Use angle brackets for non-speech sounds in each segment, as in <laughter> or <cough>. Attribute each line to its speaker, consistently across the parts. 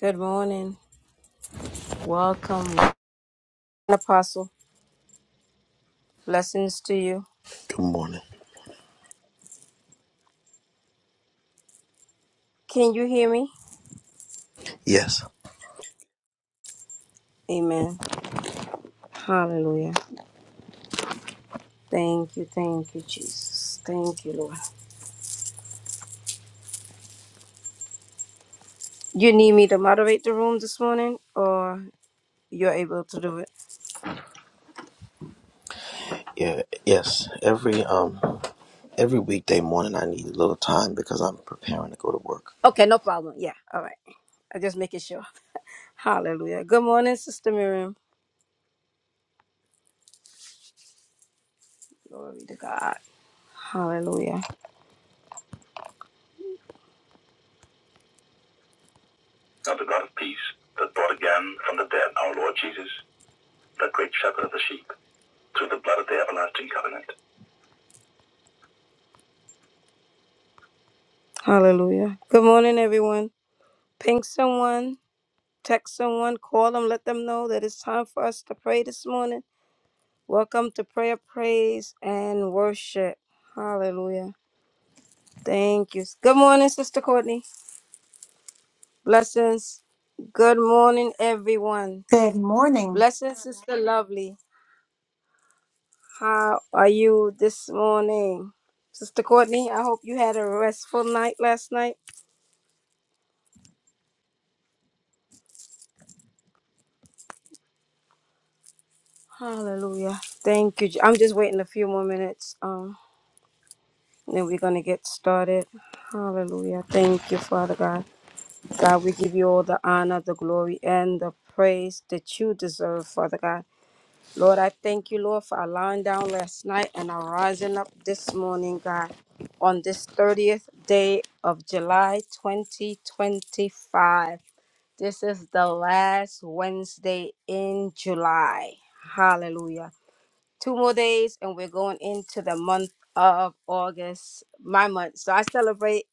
Speaker 1: Good morning. Welcome, Apostle. Blessings to you.
Speaker 2: Good morning.
Speaker 1: Can you hear me?
Speaker 2: Yes.
Speaker 1: Amen. Hallelujah. Thank you. Thank you, Jesus. Thank you, Lord. You need me to moderate the room this morning or you're able to do it?
Speaker 2: Yeah. Yes. Every um every weekday morning I need a little time because I'm preparing to go to work.
Speaker 1: Okay, no problem. Yeah. All right. I'm just making sure. Hallelujah. Good morning, Sister Miriam. Glory to God. Hallelujah. Now the God of peace that brought again from the dead our Lord Jesus, the great shepherd of the sheep, through the blood of the everlasting covenant. Hallelujah. Good morning, everyone. Ping someone, text someone, call them, let them know that it's time for us to pray this morning. Welcome to prayer, praise, and worship. Hallelujah. Thank you. Good morning, Sister Courtney. Blessings. Good morning, everyone.
Speaker 3: Good morning.
Speaker 1: Blessings, Sister Lovely. How are you this morning? Sister Courtney, I hope you had a restful night last night. Hallelujah. Thank you. Je- I'm just waiting a few more minutes. Um. Then we're going to get started. Hallelujah. Thank you, Father God. God, we give you all the honor, the glory, and the praise that you deserve, Father God. Lord, I thank you, Lord, for our lying down last night and our rising up this morning, God, on this 30th day of July 2025. This is the last Wednesday in July. Hallelujah two more days and we're going into the month of August, my month. So I celebrate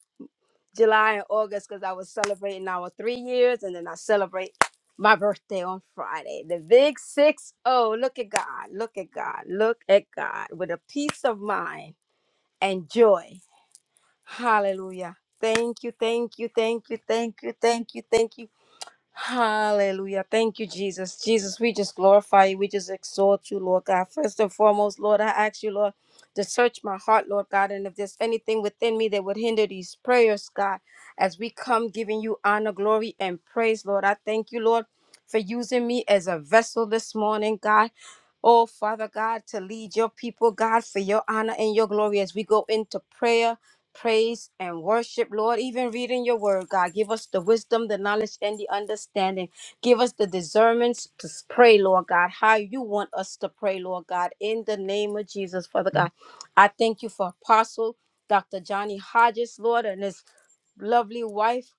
Speaker 1: July and August because I was celebrating our three years and then I celebrate my birthday on Friday. The big six oh, look at God, look at God, look at God with a peace of mind and joy. Hallelujah. Thank you, thank you, thank you, thank you, thank you, thank you Hallelujah. Thank you, Jesus. Jesus, we just glorify you. We just exalt you, Lord God. First and foremost, Lord, I ask you, Lord, to search my heart, Lord God. And if there's anything within me that would hinder these prayers, God, as we come giving you honor, glory, and praise, Lord, I thank you, Lord, for using me as a vessel this morning, God. Oh, Father God, to lead your people, God, for your honor and your glory as we go into prayer praise and worship, Lord. Even reading your word, God, give us the wisdom, the knowledge, and the understanding. Give us the discernment to pray, Lord God, how you want us to pray, Lord God, in the name of Jesus, Father God. I thank you for Apostle Dr. Johnny Hodges, Lord, and his lovely wife.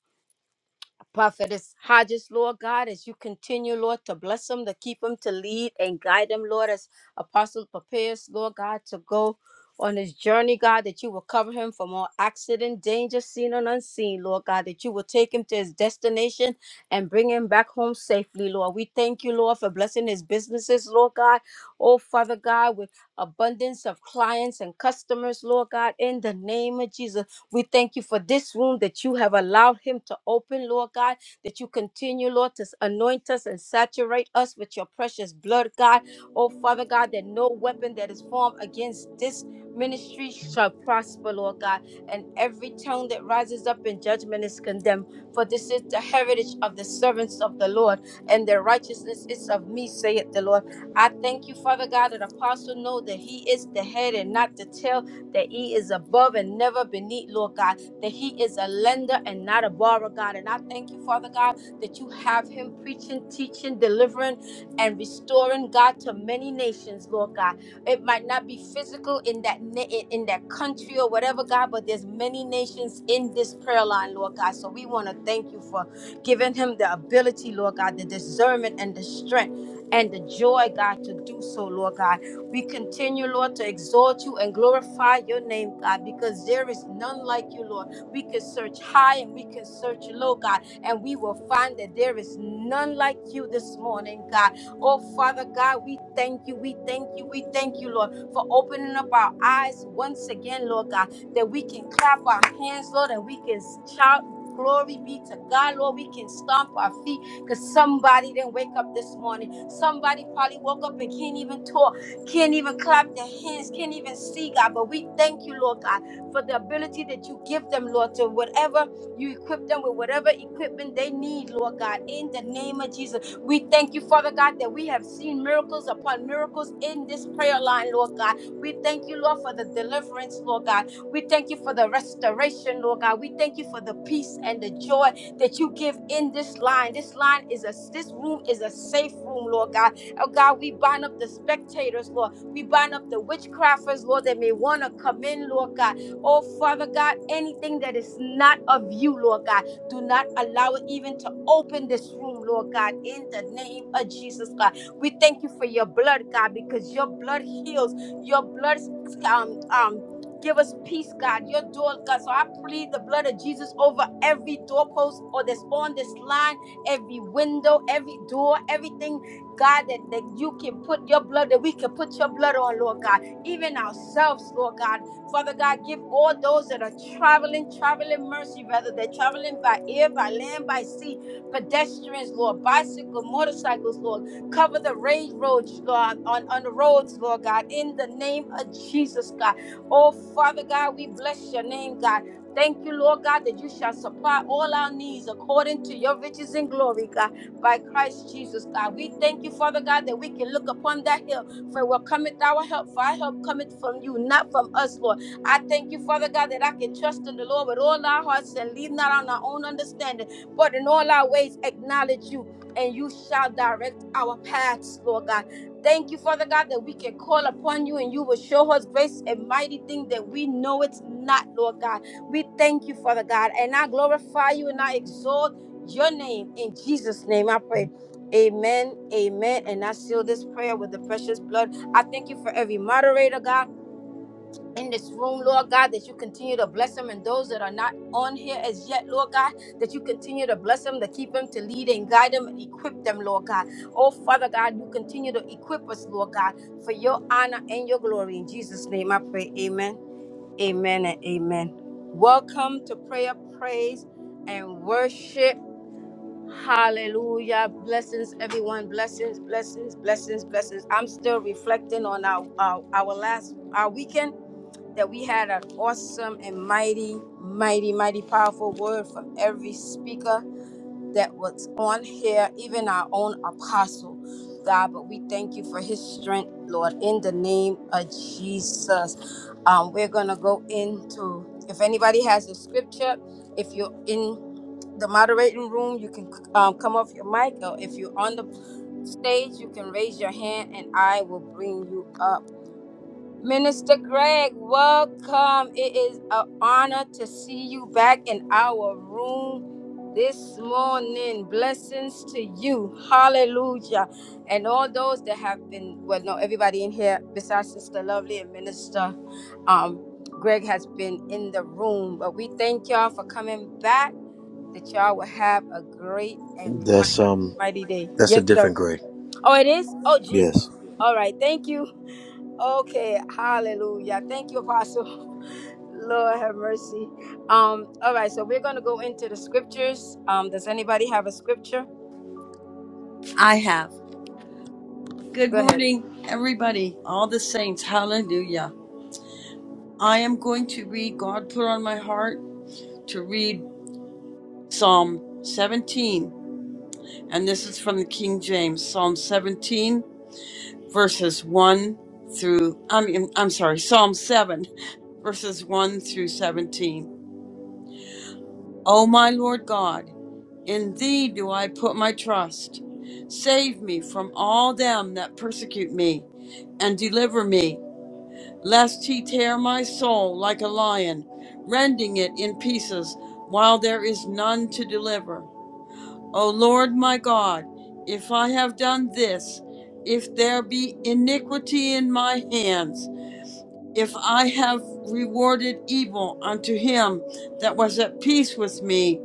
Speaker 1: Prophetess Hodges, Lord God, as you continue, Lord, to bless them, to keep them, to lead and guide them, Lord, as Apostle prepares, Lord God, to go on his journey, God, that you will cover him from all accident, danger, seen and unseen, Lord God, that you will take him to his destination and bring him back home safely, Lord. We thank you, Lord, for blessing his businesses, Lord God. Oh, Father God, with abundance of clients and customers, Lord God, in the name of Jesus. We thank you for this room that you have allowed him to open, Lord God, that you continue, Lord, to anoint us and saturate us with your precious blood, God. Oh, Father God, that no weapon that is formed against this ministry shall prosper, Lord God, and every tongue that rises up in judgment is condemned. For this is the heritage of the servants of the Lord, and their righteousness is of me, saith the Lord. I thank you, Father God, that apostle know that he is the head and not the tail that He is above and never beneath, Lord God, that He is a lender and not a borrower, God. And I thank you, Father God, that you have Him preaching, teaching, delivering, and restoring, God, to many nations, Lord God. It might not be physical in that na- in in that country or whatever, God, but there's many nations in this prayer line, Lord God. So we want to thank you for giving him the ability, Lord God, the discernment and the strength and the joy, God, to do so, Lord God. We continue, Lord, to exalt you and glorify your name, God, because there is none like you, Lord. We can search high and we can search low, God, and we will find that there is none like you this morning, God. Oh, Father God, we thank you, we thank you, we thank you, Lord, for opening up our eyes once again, Lord God, that we can clap our hands, Lord, and we can shout. Glory be to God, Lord. We can stomp our feet because somebody didn't wake up this morning. Somebody probably woke up and can't even talk can't even clap their hands, can't even see, God. But we thank you, Lord God, for the ability that you give them, Lord, to whatever you equip them with, whatever equipment they need, Lord God, in the name of Jesus. We thank you, Father God, that we have seen miracles upon miracles in this prayer line, Lord God. We thank you, Lord, for the deliverance, Lord God. We thank you for the restoration, Lord God. We thank you for the peace and the joy that you give in this line. This line is a this room is a safe room, Lord God. Oh God, we bind up the spectators, Lord. We bind up the witchcrafters, Lord, that may want to come in, Lord God. Oh Father God, anything that is not of you, Lord God, do not allow it even to open this room, Lord God, in the name of Jesus, God. We thank you for your blood, God, because your blood heals. Your blood um um give us peace, God. Your door, God. So I plead the blood of Jesus over every doorpost or that's on this line, every window, every door, everything God, that, that you can put your blood, that we can put your blood on, Lord God, even ourselves, Lord God. Father God, give all those that are traveling, traveling mercy, whether they're traveling by air, by land, by sea, pedestrians, Lord, bicycle, motorcycles, Lord, cover the range roads, Lord, on, on the roads, Lord God, in the name of Jesus, God. Oh, Father God, we bless your name, God. Thank you, Lord God, that you shall supply all our needs according to your riches and glory, God by Christ Jesus, God. We thank you, Father God, that we can look upon that hill for what cometh our help, for our help cometh from you, not from us, Lord. I thank you, Father God, that I can trust in the Lord with all our hearts and lean not on our own understanding, but in all our ways acknowledge you, and you shall direct our paths, Lord God. Thank you, Father God, that we can call upon you and you will show us grace and mighty thing that we know it's not, Lord God. We thank you, Father God, and I glorify you and I exalt your name in Jesus' name. I pray. Amen. Amen. And I seal this prayer with the precious blood. I thank you for every moderator, God, in this room, Lord God, that you continue to bless them and those that are not on here as yet, Lord God, that you continue to bless them, to keep them, to lead and guide them and equip them, Lord God. Oh, Father God, you continue to equip us, Lord God, for your honor and your glory. In Jesus' name, I pray. Amen. Amen and amen. Welcome to prayer, praise, and worship. Hallelujah. Blessings, everyone. Blessings, blessings, blessings, blessings. I'm still reflecting on our, our, our last our weekend that we had an awesome and mighty, mighty, mighty powerful word from every speaker that was on here, even our own apostle, God. But we thank you for his strength, Lord, in the name of Jesus. Um, we're going to go into, if anybody has a scripture, if you're in the moderating room, you can um, come off your mic, or if you're on the stage, you can raise your hand and I will bring you up. Minister Greg, welcome. It is an honor to see you back in our room this morning. Blessings to you. Hallelujah. And all those that have been, well, no, everybody in here besides Sister Lovely and Minister um, Greg has been in the room. But we thank y'all for coming back, that y'all will have a great and
Speaker 2: That's
Speaker 1: mighty,
Speaker 2: um
Speaker 1: mighty day.
Speaker 2: that's a
Speaker 1: Yes, sir.
Speaker 2: different grade.
Speaker 1: Oh, it is? Oh, Jesus.
Speaker 2: Yes.
Speaker 1: All right. Thank you. Okay, hallelujah. Thank you, Apostle. <laughs> Lord have mercy. Um, all right, so we're gonna go into the scriptures. Um, does anybody have a scripture?
Speaker 4: I have. Good
Speaker 1: Go ahead.
Speaker 4: morning, everybody, all the saints. Hallelujah. I am going to read, God put on my heart to read Psalm 17. And this is from the King James, Psalm 17, verses 1 through, I mean, I'm sorry, Psalm 7, <laughs> verses 1 through 17. O my Lord God, in thee do I put my trust. Save me from all them that persecute me, and deliver me. lest he tear my soul like a lion, rending it in pieces, while there is none to deliver. O Lord my God, if I have done this, if there be iniquity in my hands, if I have rewarded evil unto him that was at peace with me,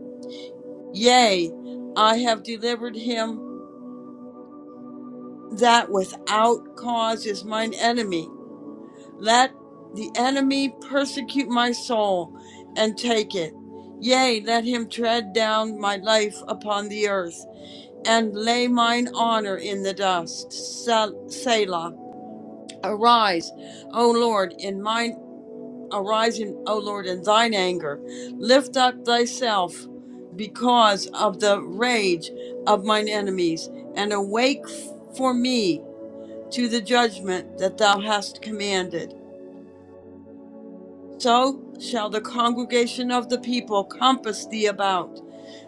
Speaker 4: yea, I have delivered him that without cause is mine enemy Let the enemy persecute my soul and take it. Yea, let him tread down my life upon the earth and lay mine honor in the dust. Sel- Selah. Arise, O Lord, in mine arise in O Lord in thine anger. Lift up thyself because of the rage of mine enemies, and awake for me to the judgment that thou hast commanded. So shall the congregation of the people compass thee about.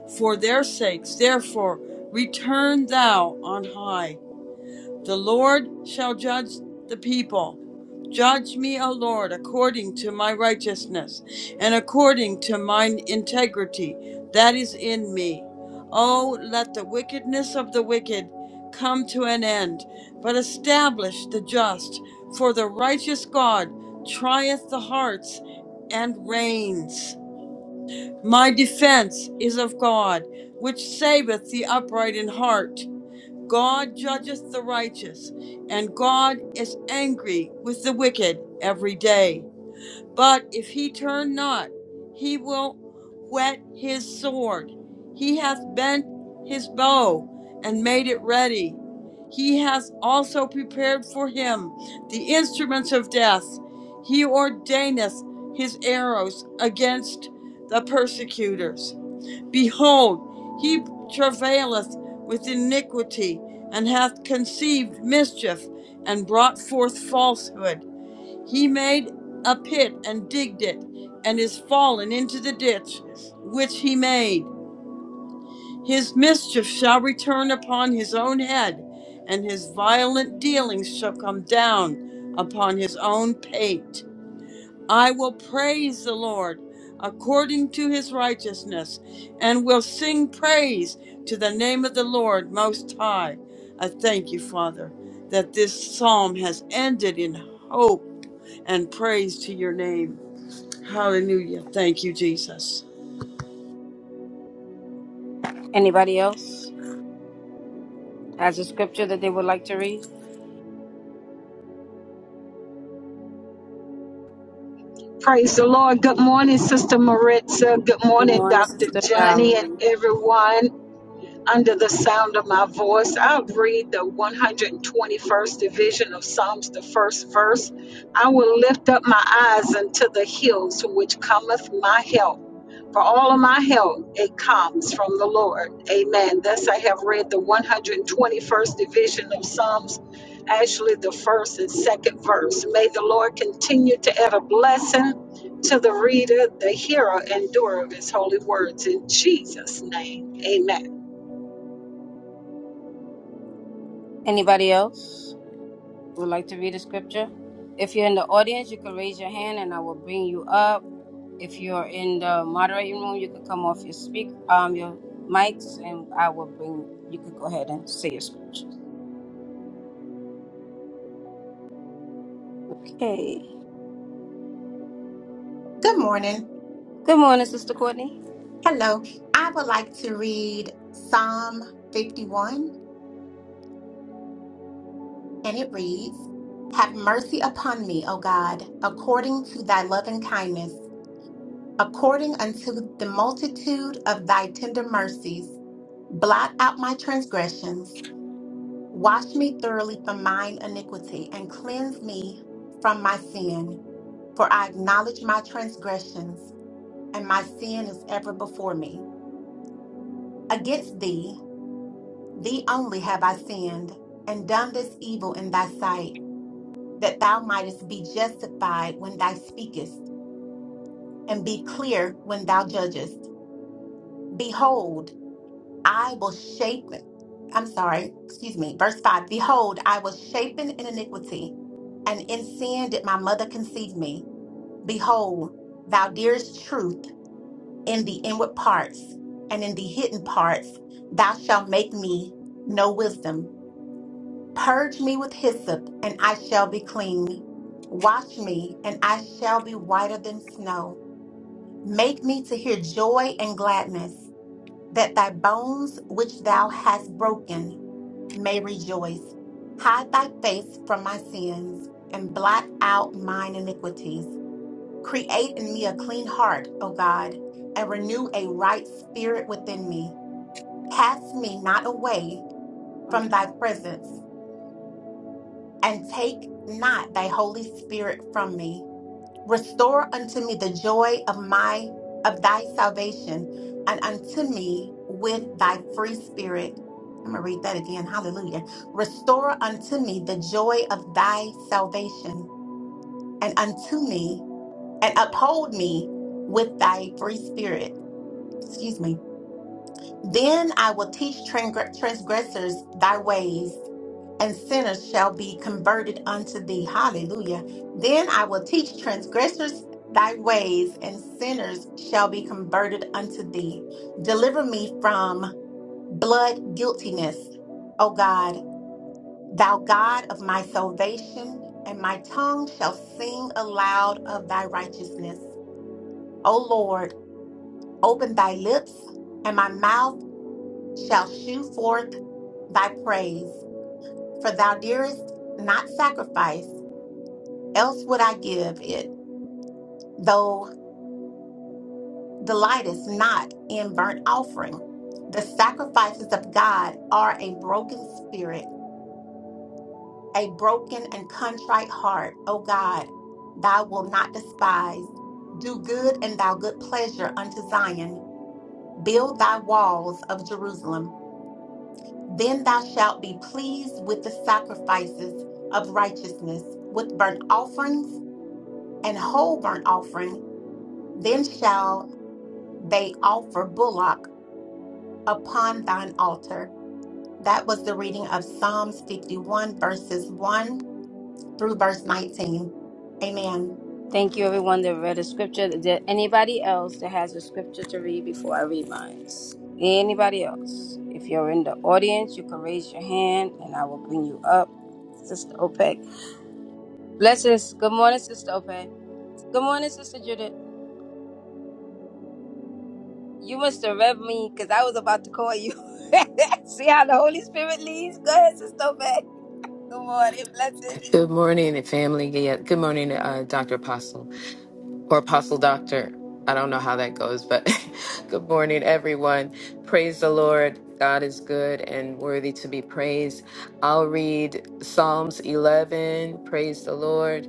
Speaker 4: For their sakes, therefore, return thou on high. The Lord shall judge the people. Judge me, O Lord, according to my righteousness and according to mine integrity that is in me. O let the wickedness of the wicked come to an end, but establish the just, for the righteous God trieth the hearts and reigns. My defense is of God, which saveth the upright in heart. God judgeth the righteous, and God is angry with the wicked every day. But if he turn not, he will whet his sword. He hath bent his bow and made it ready. He hath also prepared for him the instruments of death. He ordaineth his arrows against the persecutors. Behold, he travaileth with iniquity, and hath conceived mischief, and brought forth falsehood. He made a pit and digged it, and is fallen into the ditch which he made. His mischief shall return upon his own head, and his violent dealings shall come down upon his own pate. I will praise the Lord according to his righteousness, and will sing praise to the name of the Lord Most High. I thank you, Father, that this psalm has ended in hope and praise to your name. Hallelujah. Thank you, Jesus.
Speaker 1: Anybody else has a scripture that they would like to read?
Speaker 5: Praise the Lord. Good morning, Sister Maritza. Good
Speaker 1: Good
Speaker 5: morning,
Speaker 1: morning,
Speaker 5: Dr.
Speaker 1: Sister
Speaker 5: Johnny, and
Speaker 1: Valerie.
Speaker 5: everyone under the sound of my voice, I'll read the 121st division of Psalms, the first verse. I will lift up my eyes unto the hills from which cometh my help. For all of my help, it comes from the Lord. Amen. Thus I have read the 121st division of Psalms, actually the first and second verse. May the Lord continue to add a blessing to the reader, the hearer, and doer of his holy words. In Jesus' name, amen.
Speaker 1: Anybody else would like to read a scripture? If you're in the audience, you can raise your hand and I will bring you up. If you're in the moderating room, you can come off your speak um your mics and I will bring you could go ahead and say your scripture. Okay.
Speaker 3: Good morning.
Speaker 1: Good morning, Sister Courtney.
Speaker 3: Hello. I would like to read Psalm 51, and it reads Have mercy upon me, O God, according to thy loving kindness, according unto the multitude of thy tender mercies. Blot out my transgressions, wash me thoroughly from mine iniquity, and cleanse me from my sin. For I acknowledge my transgressions, and my sin is ever before me. Against thee, Thee only have I sinned, and done this evil in thy sight, that thou mightest be justified when thou speakest, and be clear when thou judgest. Behold, I will shape, I'm sorry, excuse me, verse 5 Behold, I was shapen in iniquity, and in sin did my mother conceive me. Behold, thou dearest truth in the inward parts, and in the hidden parts thou shalt make me know wisdom. Purge me with hyssop, and I shall be clean. Wash me, and I shall be whiter than snow. Make me to hear joy and gladness, that thy bones which thou hast broken may rejoice. Hide thy face from my sins, and blot out mine iniquities. Create in me a clean heart, O God, and renew a right spirit within me. Cast me not away
Speaker 1: Um,
Speaker 3: from thy presence and take not thy holy spirit from me restore unto me the joy of my of thy salvation and unto me with thy free spirit i'm gonna read that again hallelujah restore unto me the joy of thy salvation and unto me and uphold me with thy free spirit excuse me then i will teach transgressors thy ways and sinners shall be converted unto thee. Hallelujah. Then I will teach transgressors thy ways, and sinners shall be converted unto thee. Deliver me from blood guiltiness, O God, thou God of my salvation, and my tongue shall sing aloud of thy righteousness. O Lord, open thy lips, and my mouth shall shew forth thy praise. For thou dearest not sacrifice Else would I give it, though delightest not in burnt offering. The sacrifices of God are a broken spirit, a broken and contrite heart. O God, thou wilt not despise. Do good and thou good pleasure unto Zion. Build thy walls of Jerusalem. Then thou shalt be pleased with the sacrifices of righteousness, with burnt offerings and whole burnt offering. Then shall they offer bullock upon thine altar. That was the reading of Psalms 51, verses 1 through verse 19. Amen.
Speaker 1: Thank you, everyone that read a scripture. Is there anybody else that has a scripture to read before I read mine? Anybody else? If you're in the audience, you can raise your hand and I will bring you up. Sister Opeg. Blessings. Good morning, Sister Opeg. Good morning, Sister Judith. You must have read me because I was about to call you. <laughs> See how the Holy Spirit leads? Go ahead, Sister Opeg. Good morning. Blessings.
Speaker 6: Good morning, family. Yeah, good morning, uh, Dr. Apostle or Apostle Doctor. I don't know how that goes, but <laughs> good morning, everyone. Praise the Lord. God is good and worthy to be praised. I'll read Psalms 11. Praise the Lord.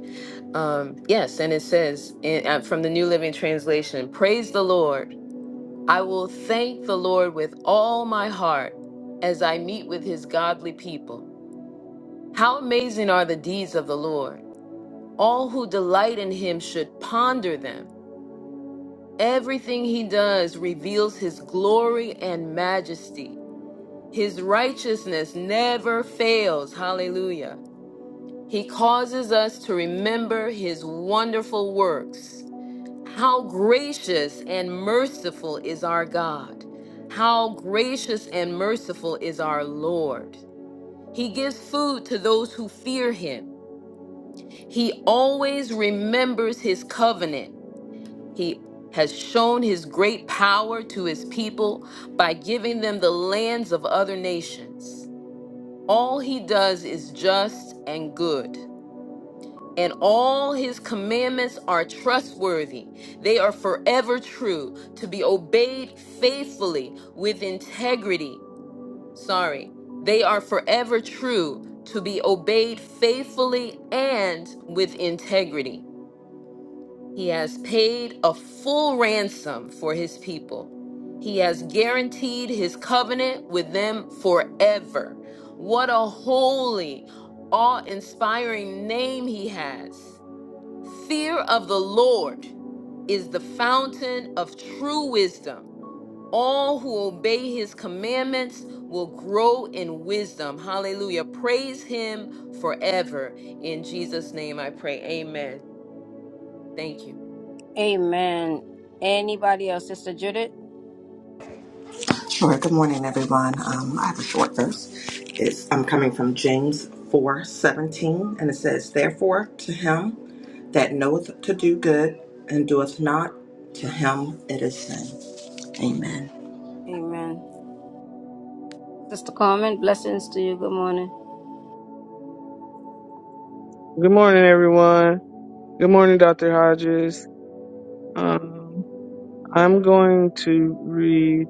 Speaker 6: Um, yes, and it says in, uh, from the New Living Translation Praise the Lord. I will thank the Lord with all my heart as I meet with his godly people. How amazing are the deeds of the Lord! All who delight in him should ponder them. Everything he does reveals his glory and majesty. His righteousness never fails. Hallelujah. He causes us to remember his wonderful works. How gracious and merciful is our God. How gracious and merciful is our Lord. He gives food to those who fear him. He always remembers his covenant. He has shown his great power to his people by giving them the lands of other nations. All he does is just and good, and all his commandments are trustworthy. They are forever true, to be obeyed faithfully with integrity. Sorry, they are forever true, to be obeyed faithfully and with integrity. He has paid a full ransom for his people. He has guaranteed his covenant with them forever. What a holy, awe inspiring name he has. Fear of the Lord is the fountain of true wisdom. All who obey his commandments will grow in wisdom. Hallelujah. Praise him forever. In Jesus' name I pray. Amen. Thank you.
Speaker 1: Amen. Anybody else? Sister Judith?
Speaker 7: Sure. Good morning, everyone. Um, I have a short verse. It's, I'm coming from James four seventeen, and it says, Therefore, to him that knoweth to do good and doeth not, to him it is sin. Amen.
Speaker 1: Amen. Sister Carmen, blessings to you. Good morning.
Speaker 8: Good morning, everyone. Good morning, Dr. Hodges. Um, I'm going to read,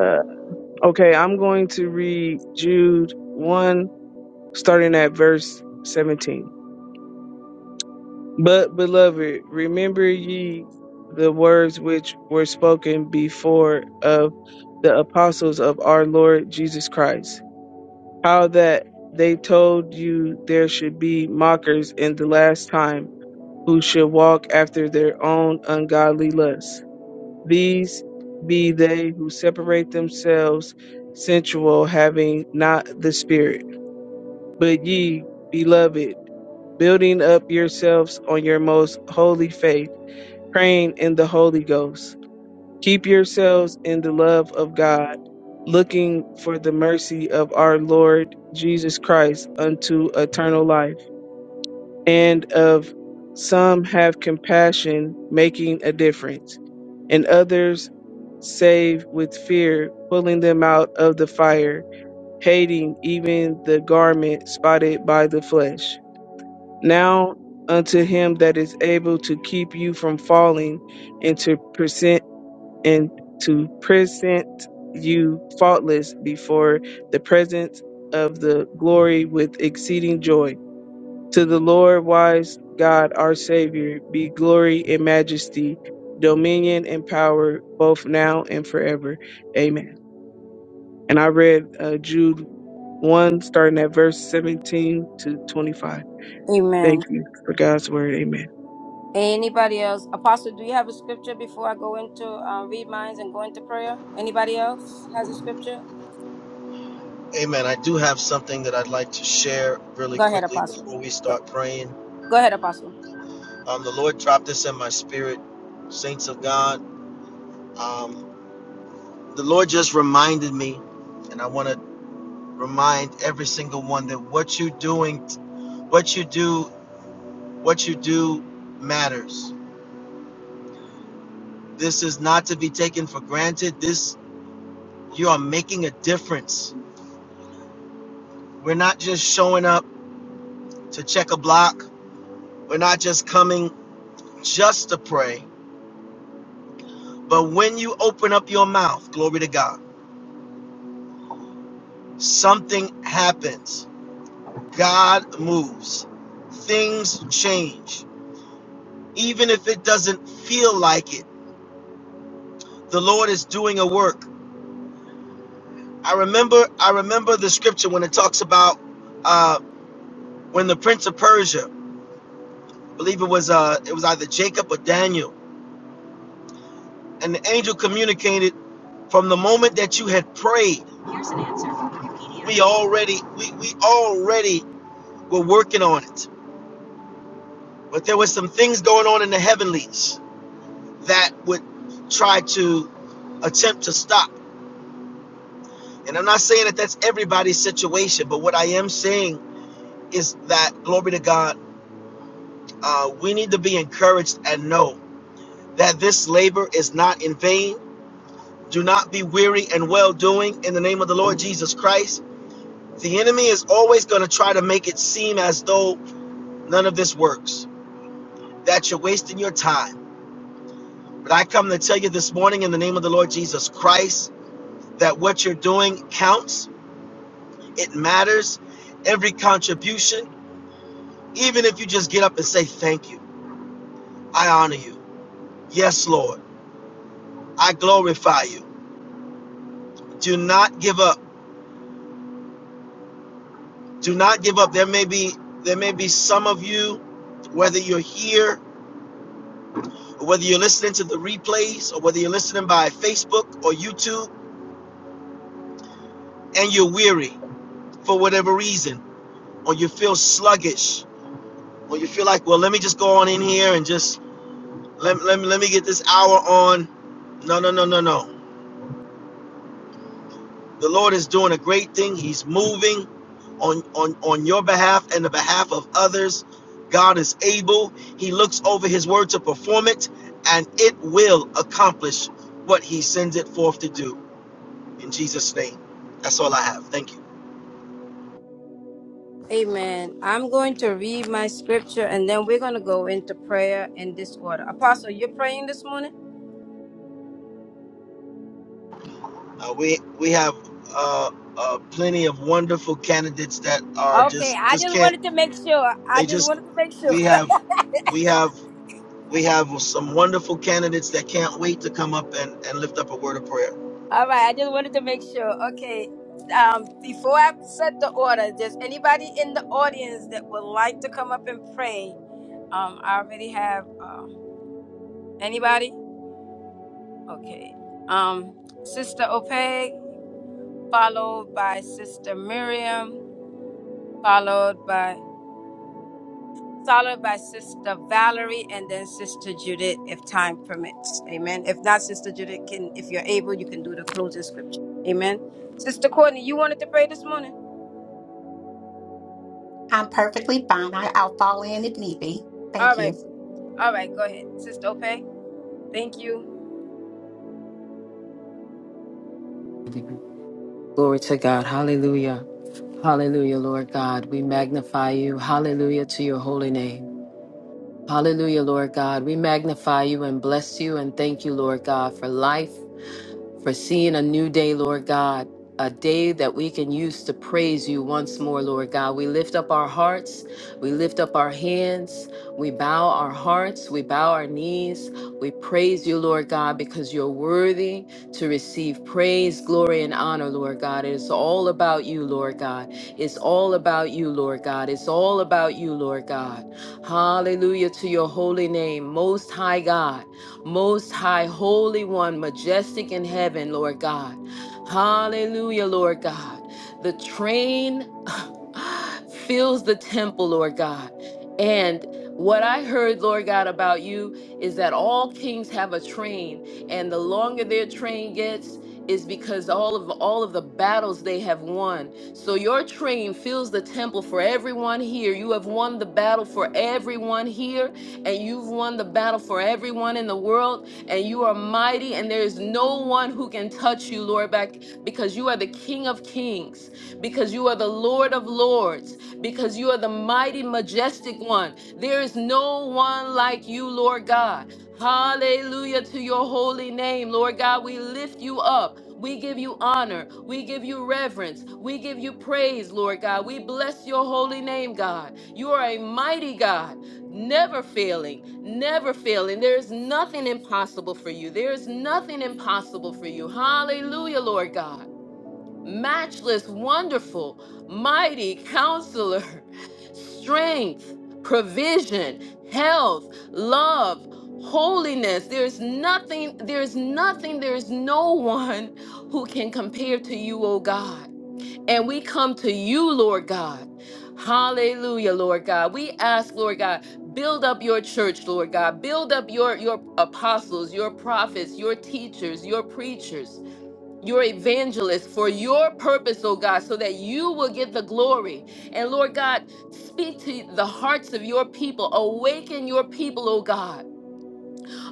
Speaker 8: uh, okay, I'm going to read Jude 1, starting at verse 17. But, beloved, remember ye the words which were spoken before of the apostles of our Lord Jesus Christ, how that they told you there should be mockers in the last time who should walk after their own ungodly lusts. These be they who separate themselves sensual, having not the Spirit. But ye, beloved, building up yourselves on your most holy faith, praying in the Holy Ghost. Keep yourselves in the love of God, looking for the mercy of our Lord Jesus Christ unto eternal life and of some have compassion, making a difference, and others save with fear, pulling them out of the fire, hating even the garment spotted by the flesh. Now unto him that is able to keep you from falling and to present and to present you faultless before the presence of the glory with exceeding joy to the Lord wise God our Savior be glory and majesty, dominion and power, both now and forever. Amen. And I read uh, Jude 1, starting at verse 17 to 25. Thank
Speaker 1: Amen.
Speaker 8: you for God's word. Amen.
Speaker 1: Anybody else? Apostle, do you have a scripture before I go into uh, read minds and go into prayer? Anybody else has a scripture?
Speaker 2: Amen. I do have something that I'd like to share really
Speaker 1: Go ahead,
Speaker 2: quickly
Speaker 1: Apostle.
Speaker 2: before we
Speaker 1: Go,
Speaker 2: start praying.
Speaker 1: go ahead, Apostle.
Speaker 2: Um, the Lord dropped this in my spirit, saints of God. Um, the Lord just reminded me, and I want to remind every single one that what you're doing, what you do, what you do matters. This is not to be taken for granted. This you are making a difference. We're not just showing up to check a block. We're not just coming just to pray. But when you open up your mouth, glory to God, something happens. God moves. Things change. Even if it doesn't feel like it, the Lord is doing a work. I remember I remember the scripture when it talks about uh, when the prince of Persia I believe it was uh it was either Jacob or Daniel. And the angel communicated from the moment that you had prayed. here's an answer from Wikipedia. We already we, we already were working on it. But there was some things going on in the heavenlies that would try to attempt to stop. And I'm not saying that that's everybody's situation, but what I am saying is that glory to God, uh, we need to be encouraged and know that this labor is not in vain Do not be weary and well doing in the name of the Lord Jesus Christ. The enemy is always going to try to make it seem as though none of this works, that you're wasting your time. But I come to tell you this morning in the name of the Lord Jesus Christ that what you're doing counts, it matters. Every contribution, even if you just get up and say, Thank you, I honor you. Yes, Lord, I glorify you. Do not give up. Do not give up. There may be there may be some of you, whether you're here whether you're listening to the replays or whether you're listening by Facebook or YouTube and you're weary for whatever reason, or you feel sluggish, or you feel like, well, let me just go on in here and just let, let, me, let me get this hour on. No, no, no, no, no. The Lord is doing a great thing. He's moving on, on, on your behalf and the behalf of others. God is able. He looks over his word to perform it, and it will accomplish what he sends it forth to do. in Jesus' name. That's all I have. Thank you.
Speaker 1: Amen. I'm going to read my scripture and then we're going to go into prayer in this order. Apostle, you're praying this morning?
Speaker 2: Uh, we we have uh, uh, plenty of wonderful candidates that are
Speaker 1: Okay,
Speaker 2: just
Speaker 1: I
Speaker 2: just
Speaker 1: just
Speaker 2: can't.
Speaker 1: wanted to make sure. I
Speaker 2: They
Speaker 1: just
Speaker 2: just
Speaker 1: wanted to make sure.
Speaker 2: we
Speaker 1: <laughs>
Speaker 2: have we have we have some wonderful candidates that can't wait to come up and and lift up a word of prayer.
Speaker 1: All right, I just wanted to make sure. Okay, um, before I set the order, does anybody in the audience that would like to come up and pray? Um, I already have uh, anybody. Okay, um, Sister Opeg, followed by Sister Miriam, followed by followed by Sister Valerie, and then Sister Judith, if time permits. Amen. If not, Sister Judith can, if you're able, you can do the closing scripture. Amen. Sister Courtney, you wanted to pray this morning.
Speaker 3: I'm perfectly fine. I, I'll fall in if need be.
Speaker 1: All
Speaker 3: Thank
Speaker 1: right.
Speaker 3: you.
Speaker 1: All right, go ahead. Sister Ope, thank you.
Speaker 6: Glory to God. Hallelujah. Hallelujah, Lord God. We magnify you. Hallelujah to your holy name. Hallelujah, Lord God. We magnify you and bless you and thank you, Lord God, for life, for seeing a new day, Lord God, a day that we can use to praise you once more, Lord God. We lift up our hearts, we lift up our hands, we bow our hearts, we bow our knees. We praise you, Lord God, because you're worthy to receive praise, glory, and honor, Lord God. It is all about you, Lord God. It's all about you, Lord God. It's all about you, Lord God. Hallelujah to your holy name, Most High God, Most High Holy One, majestic in heaven, Lord God. Hallelujah, Lord God. The train <gasps> fills the temple, Lord God. And what I heard, Lord God, about you is that all kings have a train, and the longer their train gets, is because all of all of the battles they have won. So your train fills the temple for everyone here. You have won the battle for everyone here, and you've won the battle for everyone in the world. And you are mighty, and there is no one who can touch you, Lord, back because you are the King of Kings because you are the Lord of Lords, because you are the mighty, majestic one. There is no one like you, Lord God. Hallelujah to your holy name, Lord God. We lift you up. We give you honor. We give you reverence. We give you praise, Lord God. We bless your holy name, God. You are a mighty God, never failing, never failing. There is nothing impossible for you. There is nothing impossible for you. Hallelujah, Lord God matchless, wonderful, mighty counselor, <laughs> strength, provision, health, love, holiness. There's nothing, there's nothing, there's no one who can compare to you, oh God. And we come to you, Lord God. Hallelujah, Lord God. We ask, Lord God, build up your church, Lord God. Build up your, your apostles, your prophets, your teachers, your preachers your evangelist for your purpose, oh God, so that you will get the glory. And Lord God, speak to the hearts of your people, awaken your people, oh God.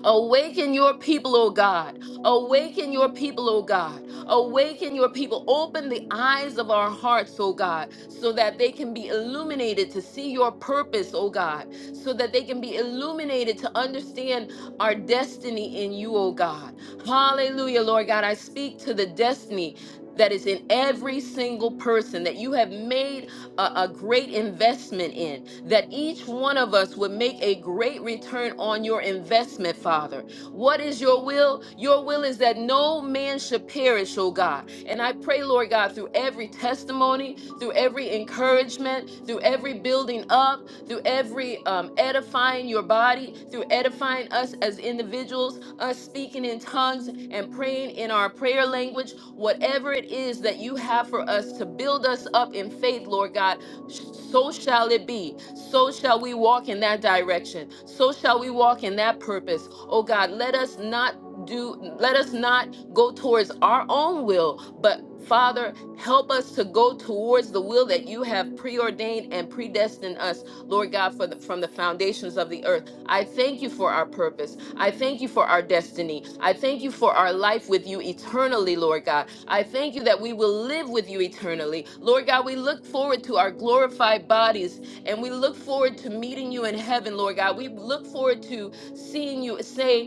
Speaker 6: Awaken your people, O God. Awaken your people, O God. Awaken your people. Open the eyes of our hearts, O God, so that they can be illuminated to see your purpose, O God, so that they can be illuminated to understand our destiny in you, O God. Hallelujah, Lord God. I speak to the destiny that is in every single person that you have made a, a great investment in, that each one of us would make a great return on your investment, Father. What is your will? Your will is that no man should perish, oh God. And I pray, Lord God, through every testimony, through every encouragement, through every building up, through every um, edifying your body, through edifying us as individuals, us speaking in tongues and praying in our prayer language, whatever it is that you have for us to build us up in faith, Lord God, sh- so shall it be. So shall we walk in that direction. So shall we walk in that purpose. Oh God, let us not do, let us not go towards our own will, but Father, help us to go towards the will that you have preordained and predestined us Lord God, for the, from the foundations of the earth. I thank you for our purpose. I thank you for our destiny. I thank you for our life with you eternally, Lord God. I thank you that we will live with you eternally. Lord God, we look forward to our glorified bodies and we look forward to meeting you in heaven, Lord God. We look forward to seeing you, saying,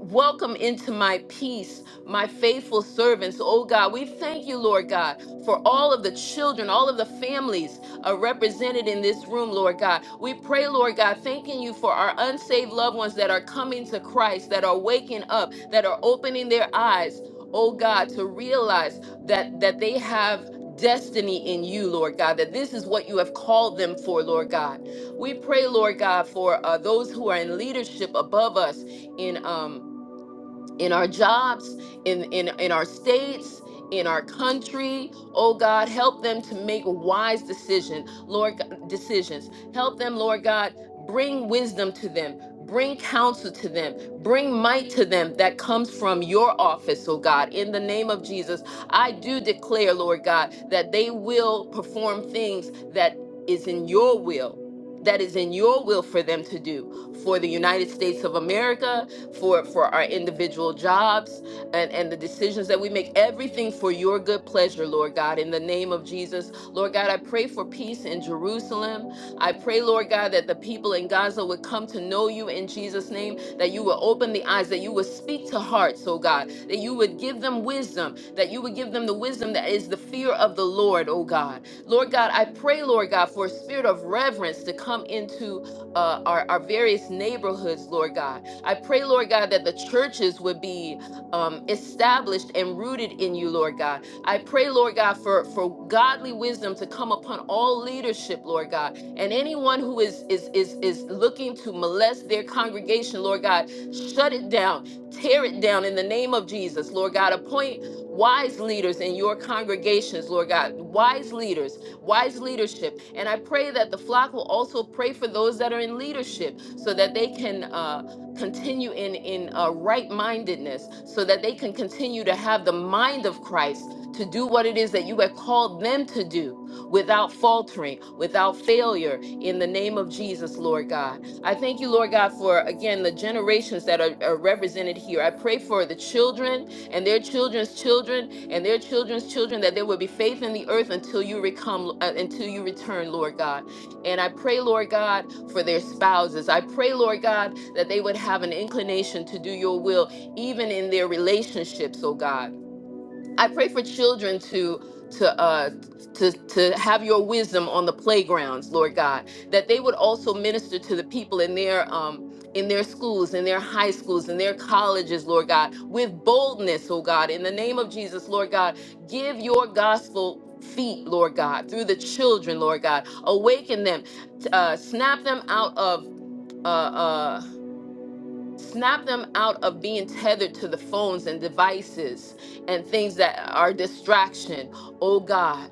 Speaker 6: Welcome into my peace, my faithful servants. Oh God, we thank you, Lord God, for all of the children, all of the families are represented in this room, Lord God. We pray, Lord God, thanking you for our unsaved loved ones that are coming to Christ, that are waking up, that are opening their eyes. Oh God, to realize that that they have destiny in you, Lord God, that this is what you have called them for, Lord God. We pray, Lord God, for uh, those who are in leadership above us in um in our jobs, in in in our states, in our country. Oh God, help them to make wise decision, Lord G- decisions. Help them, Lord God, bring wisdom to them, bring counsel to them, bring might to them that comes from your office, oh God. In the name of Jesus, I do declare, Lord God, that they will perform things that is in your will. That is in your will for them to do for the United States of America, for for our individual jobs and and the decisions that we make everything for your good pleasure lord god in the name of jesus lord god i pray for peace in jerusalem i pray lord god that the people in gaza would come to know you in jesus name that you would open the eyes that you would speak to hearts oh god that you would give them wisdom that you would give them the wisdom that is the fear of the lord oh god lord god i pray lord god for a spirit of reverence to come into uh, our, our various neighborhoods lord god I pray, Lord God, that the churches would be um, established and rooted in you, Lord God. I pray, Lord God, for, for godly wisdom to come upon all leadership, Lord God. And anyone who is is is is looking to molest their congregation, Lord God, shut it down, tear it down in the name of Jesus, Lord God. Appoint wise leaders in your congregations, Lord God. Wise leaders wise leadership. And I pray that the flock will also pray for those that are in leadership so that they can uh, continue in in uh, right mindedness so that they can continue to have the mind of christ to do what it is that you have called them to do without faltering without failure in the name of jesus lord god i thank you lord god for again the generations that are, are represented here i pray for the children and their children's children and their children's children that there will be faith in the earth until you recome uh, until you return lord god and I pray, Lord God, for their spouses. I pray, Lord God, that they would have an inclination to do your will, even in their relationships, oh God. I pray for children to to uh to to have your wisdom on the playgrounds, Lord God, that they would also minister to the people in their um in their schools, in their high schools, in their colleges, Lord God, with boldness, oh God, in the name of Jesus, Lord God, give your gospel feet, Lord God, through the children, Lord God, awaken them, t- uh, snap them out of. Uh, uh, snap them out of being tethered to the phones and devices and things that are distraction, oh God.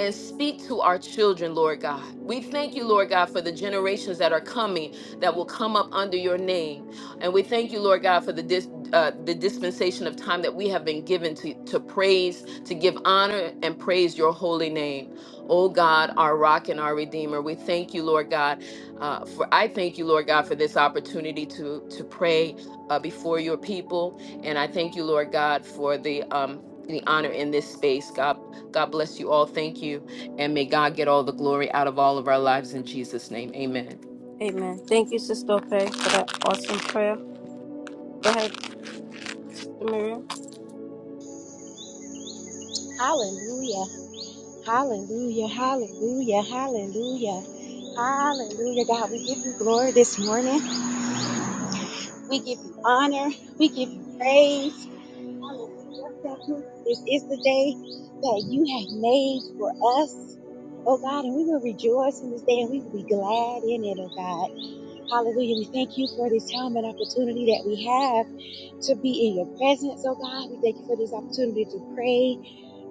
Speaker 6: And speak to our children, Lord God. We thank you, Lord God, for the generations that are coming that will come up under your name. And we thank you, Lord God, for the dis- uh, the dispensation of time that we have been given to, to praise, to give honor and praise your holy name. Oh God, our rock and our redeemer, we thank you, Lord God, uh, for I thank you, Lord God, for this opportunity to to pray uh, before your people, and I thank you, Lord God, for the um the honor in this space. God, God bless you all. Thank you, and may God get all the glory out of all of our lives in Jesus' name. Amen.
Speaker 1: Amen. Thank you, Sister Ope, for that awesome prayer. Go ahead, Sister Miriam.
Speaker 9: Hallelujah. Hallelujah. Hallelujah. Hallelujah. Hallelujah. God, we give you glory this morning. We give you honor. We give you praise. Hallelujah. Thank you. This is the day that you have made for us. Oh God, and we will rejoice in this day and we will be glad in it, oh God. Hallelujah. We thank you for this time and opportunity that we have to be in your presence, oh God. We thank you for this opportunity to pray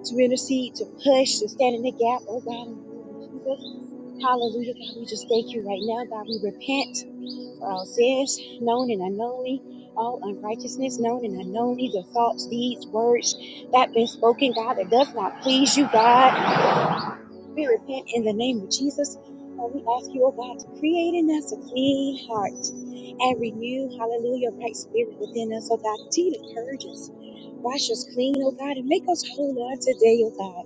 Speaker 9: to intercede, to push, to stand in the gap. Oh God, in the name of Jesus. Hallelujah. God, we just thank you right now. God, we repent for our sins, known and unknownly, all unrighteousness, known and unknownly, the thoughts, deeds, words that been spoken, God, that does not please you, God. We repent in the name of Jesus. And we ask you, oh God, to create in us a clean heart and renew, hallelujah, right spirit within us, oh God. Continue to purge us, wash us clean, oh God, and make us whole Lord today, oh God.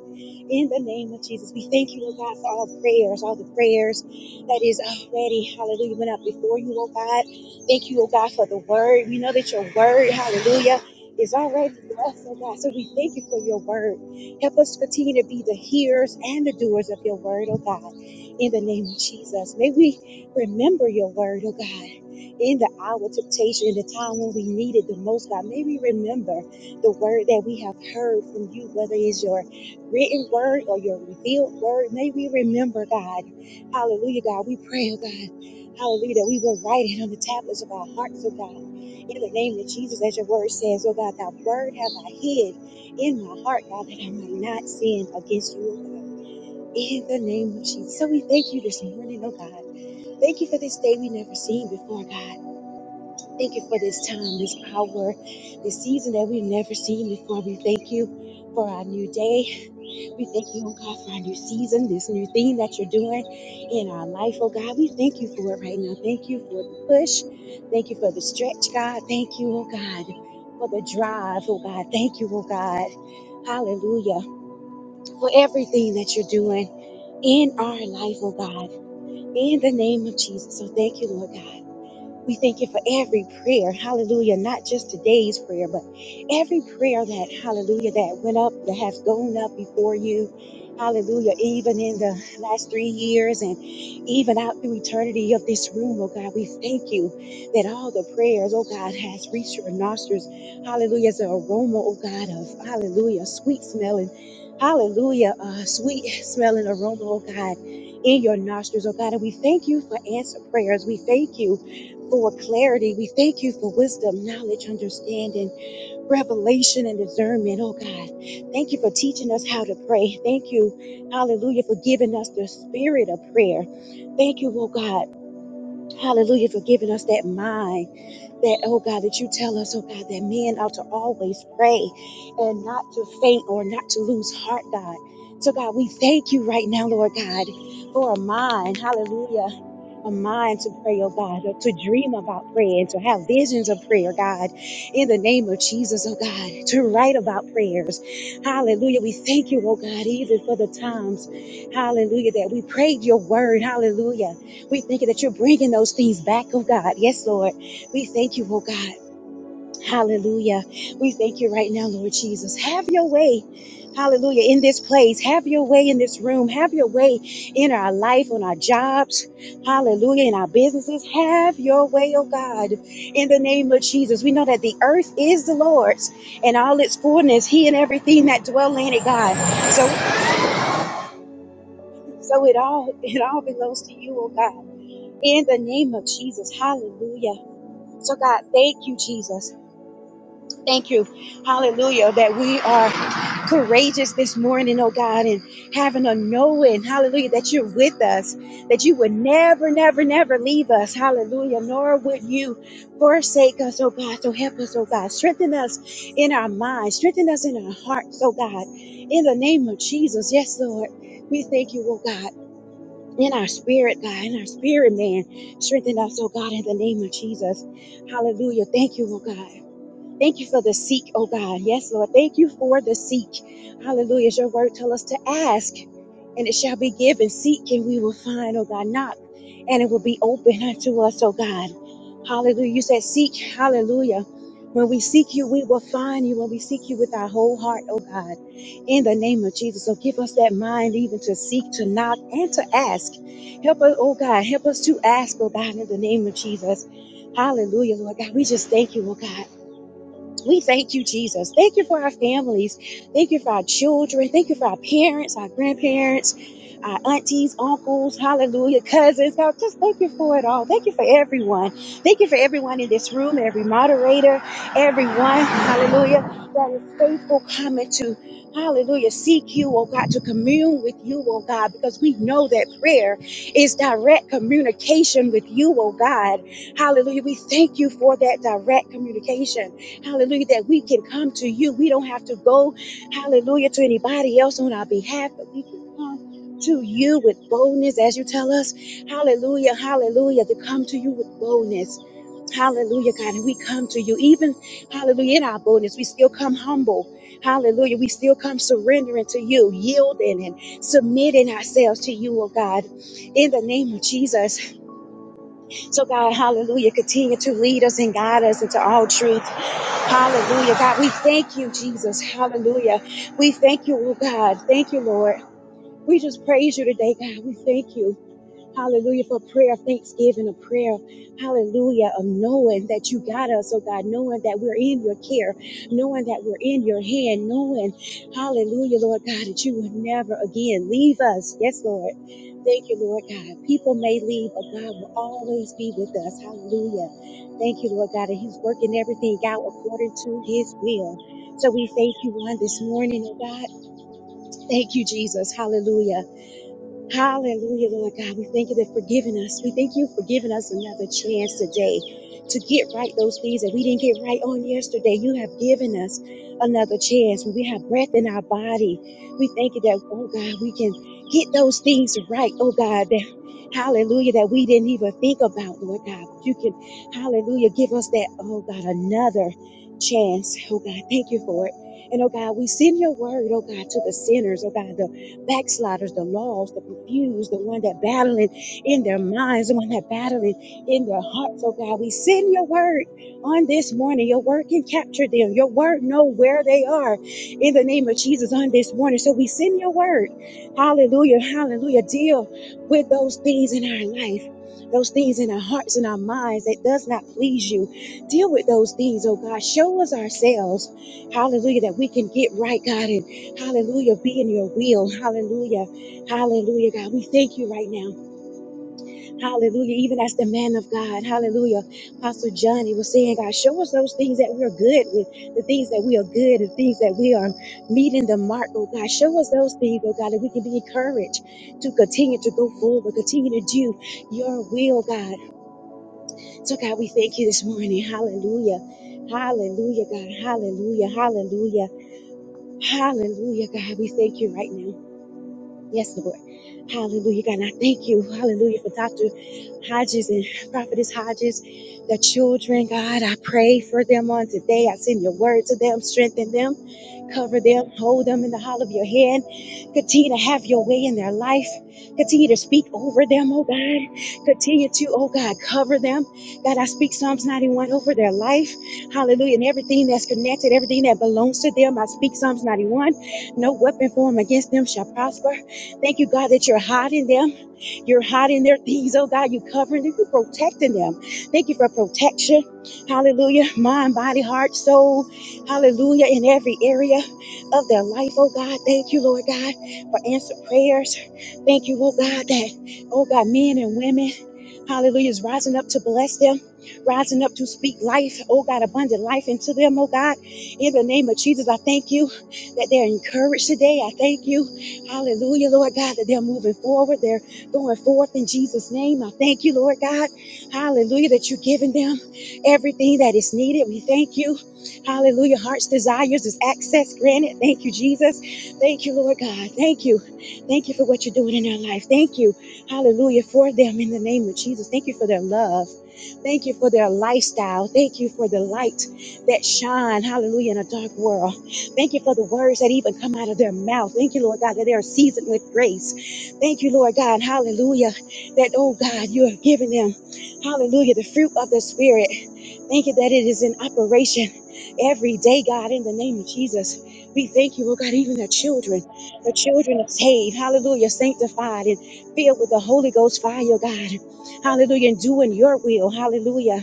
Speaker 9: In the name of Jesus, we thank you, oh God, for all prayers, all the prayers that is already, hallelujah, went up before you, oh God. Thank you, oh God, for the word. We know that your word, hallelujah, is already blessed, oh God. So we thank you for your word. Help us to continue to be the hearers and the doers of your word, oh God, in the name of Jesus. May we remember your word, oh God. In the hour of temptation, in the time when we need it the most, God, may we remember the word that we have heard from you, whether it's your written word or your revealed word. May we remember, God. Hallelujah, God. We pray, oh God. Hallelujah, that we will write it on the tablets of our hearts, oh God. In the name of Jesus, as your word says, oh God, thy word have I hid in my heart, God, that I might not sin against you, oh God. In the name of Jesus. So we thank you this morning, oh God. Thank you for this day we never seen before, God. Thank you for this time, this hour, this season that we've never seen before. We thank you for our new day. We thank you, oh God, for our new season, this new thing that you're doing in our life, oh God. We thank you for it right now. Thank you for the push. Thank you for the stretch, God. Thank you, oh God, for the drive, oh God. Thank you, oh God. Hallelujah for everything that you're doing in our life, oh God, in the name of Jesus. So thank you, Lord God. We thank you for every prayer, hallelujah, not just today's prayer, but every prayer that, hallelujah, that went up, that has gone up before you, hallelujah, even in the last three years and even out through eternity of this room, oh God. We thank you that all the prayers, oh God, has reached your nostrils, hallelujah, as an aroma, oh God, of hallelujah, sweet smelling, hallelujah, uh, sweet smelling aroma, oh God. In your nostrils, oh God, and we thank you for answer prayers. We thank you for clarity. We thank you for wisdom, knowledge, understanding, revelation, and discernment. Oh God, thank you for teaching us how to pray. Thank you, hallelujah, for giving us the spirit of prayer. Thank you, oh God. Hallelujah for giving us that mind that, oh God, that you tell us, oh God, that men ought to always pray and not to faint or not to lose heart, God. So, God, we thank you right now, Lord God, for a mind, hallelujah, a mind to pray, oh God, uh, to dream about prayer and to have visions of prayer, God, in the name of Jesus, oh God, to write about prayers. Hallelujah. We thank you, oh God, even for the times, hallelujah, that we prayed your word. Hallelujah. We thank you that you're bringing those things back, oh God. Yes, Lord. We thank you, oh God. Hallelujah. We thank you right now, Lord Jesus. Have your way. Hallelujah. In this place, have your way in this room, have your way in our life, on our jobs. Hallelujah. In our businesses, have your way, oh God. In the name of Jesus, we know that the earth is the Lord's and all its fullness, He and everything that dwell in it, God. So, so it all, <laughs> it all belongs to you, oh God. In the name of Jesus, hallelujah. So, God, thank you, Jesus. Thank you, hallelujah, that we are. courageous this morning, oh God, and having a knowing, hallelujah, that you're with us, that you would never, never, never leave us, hallelujah, nor would you forsake us, oh God. So help us, oh God. Strengthen us in our minds, strengthen us in our hearts, oh God. In the name of Jesus, yes, Lord, we thank you, oh God. In our spirit, God, in our spirit, man, strengthen us, oh God, in the name of Jesus. Hallelujah. Thank you, oh God. Thank you for the seek, oh God. Yes, Lord. Thank you for the seek. Hallelujah. As your word tell us to ask and it shall be given. Seek and we will find, oh God. Knock and it will be open unto us, oh God. Hallelujah. You said seek. Hallelujah. When we seek you, we will find you. When we seek you with our whole heart, oh God, in the name of Jesus. So give us that mind even to seek, to knock, and to ask. Help us, oh God. Help us to ask, oh God, in the name of Jesus. Hallelujah, Lord God. We just thank you, oh God. We thank you, Jesus. Thank you for our families. Thank you for our children. Thank you for our parents, our grandparents, our aunties, uncles, hallelujah, cousins. God, just thank you for it all. Thank you for everyone. Thank you for everyone in this room, every moderator, everyone, hallelujah, that is faithful coming to. Hallelujah. Seek you, oh God, to commune with you, oh God, because we know that prayer is direct communication with you, oh God. Hallelujah. We thank you for that direct communication. Hallelujah, that we can come to you. We don't have to go, hallelujah, to anybody else on our behalf, but we can come to you with boldness as you tell us. Hallelujah, hallelujah, to come to you with boldness. Hallelujah, God. And we come to you, even, hallelujah, in our boldness, we still come humble. Hallelujah. We still come surrendering to you, yielding and submitting ourselves to you, oh God, in the name of Jesus. So, God, hallelujah, continue to lead us and guide us into all truth. Hallelujah. God, we thank you, Jesus. Hallelujah. We thank you, oh God. Thank you, Lord. We just praise you today, God. We thank you. Hallelujah. For prayer, of thanksgiving, a prayer. Hallelujah. Of knowing that you got us, oh God, knowing that we're in your care, knowing that we're in your hand, knowing, hallelujah, Lord God, that you would never again leave us. Yes, Lord. Thank you, Lord God. People may leave, but God will always be with us. Hallelujah. Thank you, Lord God. And He's working everything out according to His will. So we thank you on this morning, oh God. Thank you, Jesus. Hallelujah. Hallelujah, Lord God. We thank you that for giving us. We thank you for giving us another chance today to get right those things that we didn't get right on yesterday. You have given us another chance. When we have breath in our body, we thank you that, oh God, we can get those things right, oh God. That, hallelujah, that we didn't even think about, Lord God. But you can, hallelujah, give us that, oh God, another chance. Oh God, thank you for it. And oh God, we send your word, oh God, to the sinners, oh God, backsliders, the lost, the confused, the one that battling in their minds, the one that battling in their hearts. Oh God, we send your word on this morning. Your word can capture them. Your word know where they are in the name of Jesus on this morning. So we send your word. Hallelujah. Hallelujah. Deal with those things in our life. Those things in our hearts and our minds that does not please you. Deal with those things, oh God. Show us ourselves, hallelujah, that we can get right, God, and Hallelujah. Be in your will. Hallelujah. Hallelujah, God. We thank you right now. Hallelujah. Even as the man of God. Hallelujah. Apostle Johnny was saying, God, show us those things that we're good with, the things that we are good, the things that we are meeting the mark, oh God. Show us those things, oh God, that we can be encouraged to continue to go forward, continue to do your will, God. So, God, we thank you this morning. Hallelujah. Hallelujah, God. Hallelujah. Hallelujah. Hallelujah, God. We thank you right now. Yes, Lord. Hallelujah, God. And I thank you, hallelujah, for Dr. Hodges and Prophetess Hodges, the children, God. I pray for them on today. I send your word to them, strengthen them, cover them, hold them in the hollow of your hand. Continue to have your way in their life. Continue to speak over them, oh God. Continue to, oh God, cover them. God, I speak Psalms 91 over their life. Hallelujah. And everything that's connected, everything that belongs to them, I speak Psalms 91. No weapon formed against them shall prosper. Thank you, God, that you're hiding them. You're hiding their things, oh God. You're covering them. You're protecting them. Thank you for protection. Hallelujah. Mind, body, heart, soul. Hallelujah. In every area of their life, oh God. Thank you, Lord God, for answered prayers. Thank you, oh God, that, oh God, men and women. Hallelujah. Is rising up to bless them, rising up to speak life. Oh God, abundant life into them. Oh God, in the name of Jesus, I thank you that they're encouraged today. I thank you. Hallelujah, Lord God, that they're moving forward. They're going forth in Jesus' name. I thank you, Lord God. Hallelujah, that you're giving them everything that is needed. We thank you. Hallelujah. Heart's desires is access granted. Thank you, Jesus. Thank you, Lord God. Thank you. Thank you for what you're doing in their life. Thank you. Hallelujah for them in the name of Jesus. Thank you for their love. Thank you for their lifestyle. Thank you for the light that shine. Hallelujah in a dark world. Thank you for the words that even come out of their mouth. Thank you, Lord God, that they are seasoned with grace. Thank you, Lord God. Hallelujah. That, oh God, you have given them. Hallelujah. The fruit of the Spirit. Thank you that it is in operation every day, God, in the name of Jesus. We thank you, oh God, even the children. The children are saved, hallelujah, sanctified and filled with the Holy Ghost fire, God. Hallelujah, and doing your will, hallelujah.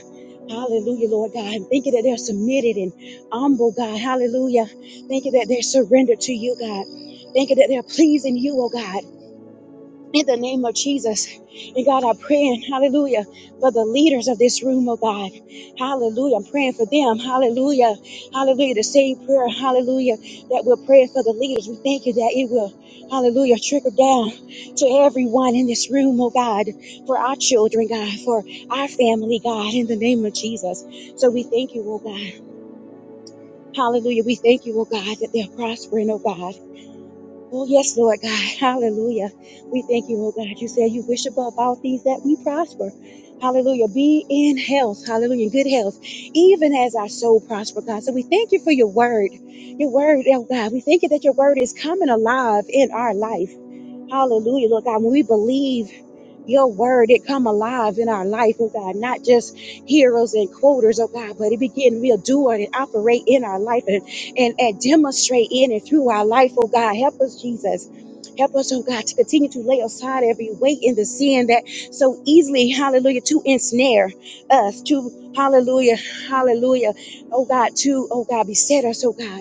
Speaker 9: Hallelujah, Lord God. And Thank you that they're submitted and humble, God. Hallelujah. Thank you that they're surrendered to you, God. Thank you that they're pleasing you, oh God in the name of Jesus. And God, I'm praying, hallelujah, for the leaders of this room, oh God. Hallelujah. I'm praying for them. Hallelujah. Hallelujah. The same prayer, hallelujah, that we're praying for the leaders. We thank you that it will, hallelujah, trickle down to everyone in this room, oh God, for our children, God, for our family, God, in the name of Jesus. So we thank you, oh God. Hallelujah. We thank you, oh God, that they're prospering, oh God. Oh, yes, Lord God. <laughs> Hallelujah. We thank you, oh God. You said you wish above all things that we prosper. Hallelujah. Be in health. Hallelujah. In good health, even as our soul prosper, God. So we thank you for your word. Your word, oh God. We thank you that your word is coming alive in our life. Hallelujah, Lord God. When we believe your word it come alive in our life oh god not just hearers and quoters oh god but it begin real be a doer and operate in our life and, and and demonstrate in and through our life oh god help us jesus Help us, oh God, to continue to lay aside every weight in the sin that so easily, hallelujah, to ensnare us, to hallelujah, hallelujah, oh God, to, oh God, beset us, oh God.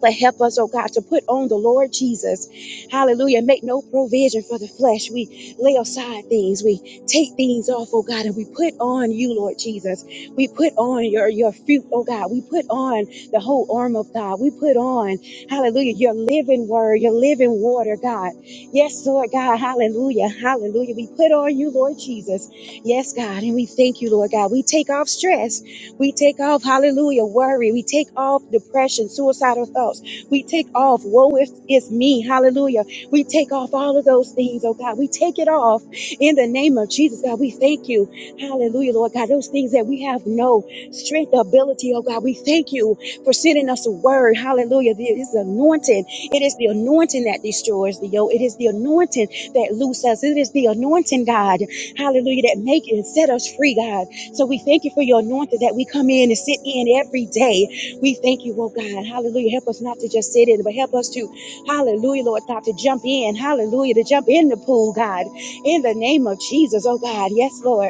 Speaker 9: But help us, oh God, to put on the Lord Jesus. Hallelujah. Make no provision for the flesh. We lay aside things. We take things off, oh God, and we put on you, Lord Jesus. We put on your, your fruit, oh God. We put on the whole arm of God. We put on, hallelujah, your living word, your living water, God. Yes, Lord God. Hallelujah. Hallelujah. We put on you, Lord Jesus. Yes, God. And we thank you, Lord God. We take off stress. We take off, hallelujah, worry. We take off depression, suicidal thoughts. We take off, woe if it's me, hallelujah. We take off all of those things, oh God. We take it off in the name of Jesus, God. We thank you, hallelujah, Lord God. Those things that we have no strength, ability, oh God. We thank you for sending us a word, hallelujah. It is anointed. It is the anointing that destroys the yoke. It is the anointing that loose us. It is the anointing, God, hallelujah, that make it and set us free, God. So we thank you for your anointing that we come in and sit in every day. We thank you, oh God. Hallelujah. Help us not to just sit in, but help us to, hallelujah, Lord God, to jump in. Hallelujah. To jump in the pool, God. In the name of Jesus, oh God. Yes, Lord.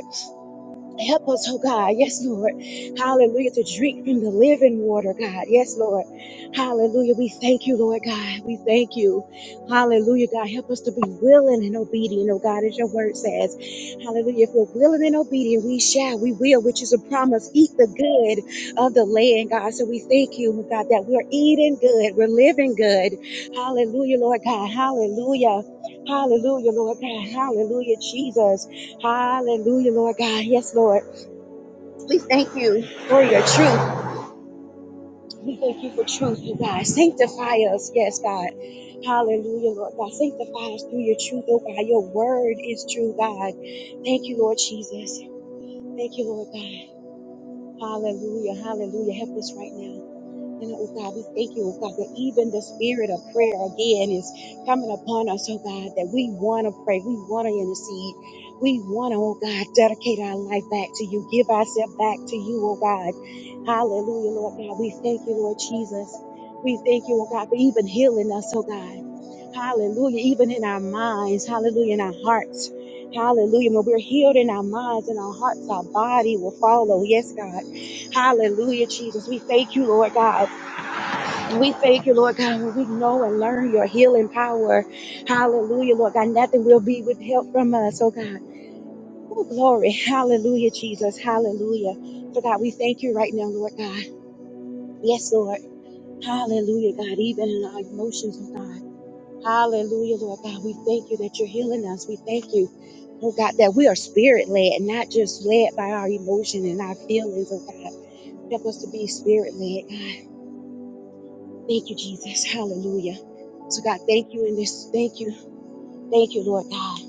Speaker 9: Help us, oh God. Yes, Lord. Hallelujah. To drink from the living water, God. Yes, Lord. Hallelujah. We thank you, Lord God. We thank you. Hallelujah, God. Help us to be willing and obedient, oh God, as your word says. Hallelujah. If we're willing and obedient, we shall, we will, which is a promise. Eat the good of the land, God. So we thank you, oh God, that we're eating good. We're living good. Hallelujah, Lord God. Hallelujah. Hallelujah, Lord God. Hallelujah, Jesus. Hallelujah, Lord God. Yes, Lord. We thank you for your truth. We thank you for truth, oh God. Sanctify us. Yes, God. Hallelujah, Lord God. Sanctify us through your truth, oh God. Your word is true, God. Thank you, Lord Jesus. Thank you, Lord God. Hallelujah. Hallelujah. Help us right now. And oh God, we thank you, oh God, that even the spirit of prayer again is coming upon us, oh God, that we want to pray, we want to intercede, we want to, oh God, dedicate our life back to you, give ourselves back to you, oh God. Hallelujah, Lord God. We thank you, Lord Jesus. We thank you, oh God, for even healing us, oh God. Hallelujah, even in our minds, hallelujah, in our hearts. Hallelujah. When we're healed in our minds and our hearts, our body will follow. Yes, God. Hallelujah, Jesus. We thank you, Lord God. We thank you, Lord God, when we know and learn your healing power. Hallelujah, Lord God. Nothing will be withheld from us, oh God. Oh, glory. Hallelujah, Jesus. Hallelujah. So, God, we thank you right now, Lord God. Yes, Lord. Hallelujah, God. Even in our emotions, oh God. Hallelujah, Lord God. We thank you that you're healing us. We thank you, oh God, that we are spirit led, not just led by our emotion and our feelings, oh God. Help us to be spirit led, God. Thank you, Jesus. Hallelujah. So, God, thank you in this. Thank you. Thank you, Lord God.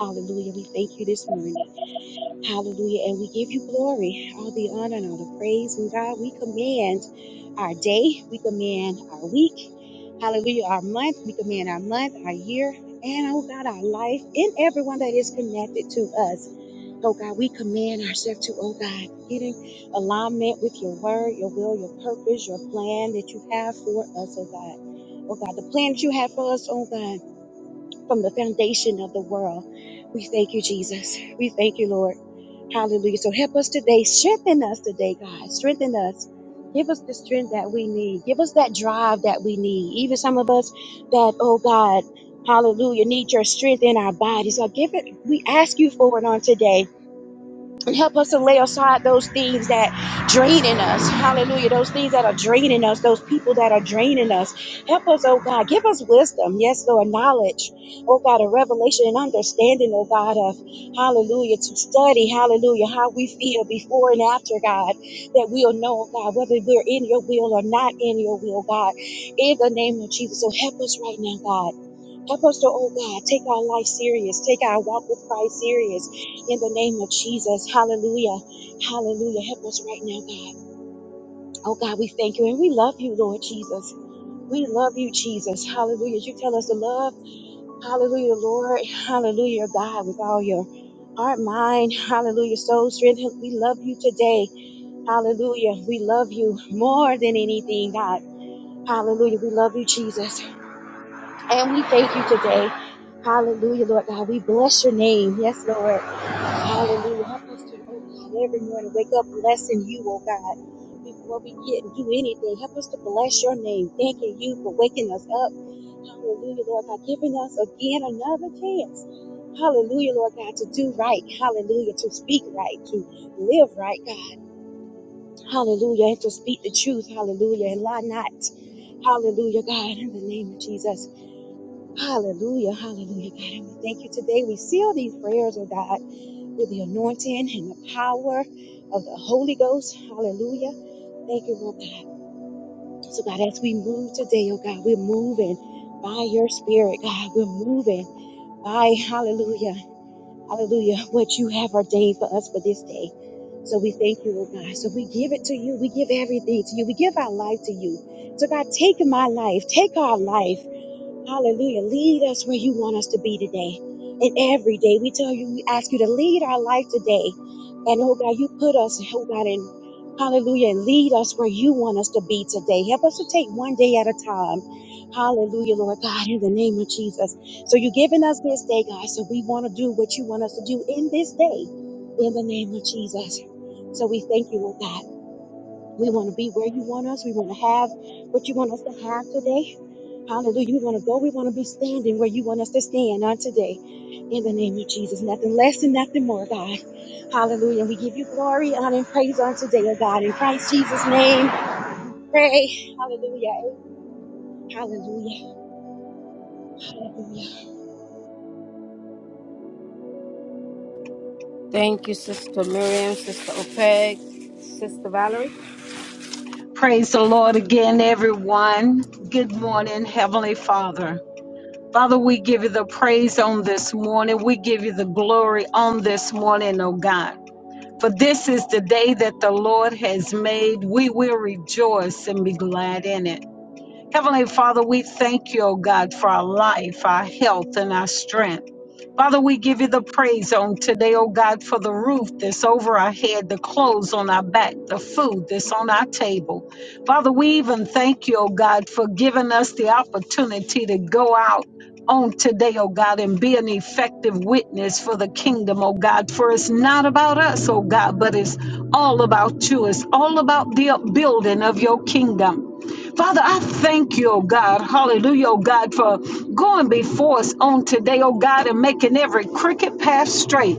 Speaker 9: Hallelujah. We thank you this morning. Hallelujah. And we give you glory, all the honor and all the praise. And God, we command our day, we command our week. Hallelujah. Our month, we command our month, our year, and oh God, our life, and everyone that is connected to us. Oh God, we command ourselves to, oh God, get in alignment with your word, your will, your purpose, your plan that you have for us, oh God. Oh God, the plan that you have for us, oh God, from the foundation of the world. We thank you, Jesus. We thank you, Lord. Hallelujah. So help us today. Strengthen us today, God. Strengthen us. Give us the strength that we need. Give us that drive that we need. Even some of us that, oh God, hallelujah, need your strength in our bodies. So give it, we ask you for it on today. Help us to lay aside those things that draining us. Hallelujah. Those things that are draining us, those people that are draining us. Help us, oh God. Give us wisdom. Yes, Lord. Knowledge. Oh God, a revelation and understanding, oh God, of hallelujah, to study, hallelujah, how we feel before and after, God, that we'll know, oh God, whether we're in your will or not in your will, God, in the name of Jesus. So help us right now, God. Help us to, oh God, take our life serious, take our walk with Christ serious in the name of Jesus. Hallelujah. Hallelujah. Help us right now, God. Oh God, we thank you and we love you, Lord Jesus. We love you, Jesus. Hallelujah. You tell us to love. Hallelujah, Lord. Hallelujah, God, with all your heart, mind. Hallelujah, soul, strength. We love you today. Hallelujah. We love you more than anything, God. Hallelujah. We love you, Jesus. And we thank you today. Hallelujah, Lord God. We bless your name. Yes, Lord. Hallelujah. Help us to, oh God, every morning wake up blessing you, oh God. Before we get and do anything, help us to bless your name. Thanking you for waking us up. Hallelujah, Lord God. Giving us again another chance. Hallelujah, Lord God, to do right. Hallelujah. To speak right. To live right, God. Hallelujah. And to speak the truth. Hallelujah. And lie not. Hallelujah, God. In the name of Jesus. Hallelujah, hallelujah, God. And we thank you today. We seal these prayers, oh God, with the anointing and the power of the Holy Ghost. Hallelujah. Thank you, Lord God. So, God, as we move today, oh God, we're moving by your spirit, God. We're moving by, hallelujah, hallelujah, what you have ordained for us for this day. So we thank you, oh God. So we give it to you. We give everything to you. We give our life to you. So God, take my life, take our life. Hallelujah. Lead us where you want us to be today and every day. We tell you, we ask you to lead our life today. And oh God, you put us, oh God, in hallelujah, and lead us where you want us to be today. Help us to take one day at a time. Hallelujah, Lord God, in the name of Jesus. So you've given us this day, God. So we want to do what you want us to do in this day, in the name of Jesus. So we thank you, oh God. We want to be where you want us. We want to have what you want us to have today. Hallelujah. We want to go. We want to be standing where you want us to stand on today. In the name of Jesus. Nothing less and nothing more, God. Hallelujah. And we give you glory, honor, and praise on today, oh God. In Christ Jesus' name, pray. Hallelujah. Hallelujah. Hallelujah.
Speaker 1: Thank you, Sister Miriam, Sister Ope, Sister Valerie,
Speaker 5: Praise the Lord again, everyone. Good morning, Heavenly Father. Father, we give you the praise on this morning. We give you the glory on this morning, oh God. For this is the day that the Lord has made. We will rejoice and be glad in it. Heavenly Father, we thank you, oh God, for our life, our health, and our strength. Father, we give you the praise on today, oh God, for the roof that's over our head, the clothes on our back, the food that's on our table. Father, we even thank you, oh God, for giving us the opportunity to go out on today, oh God, and be an effective witness for the kingdom, oh God. For it's not about us, oh God, but it's all about you. It's all about the upbuilding of your kingdom. Father, I thank you, oh God. Hallelujah, oh God, for going before us on today, oh God, and making every crooked path straight.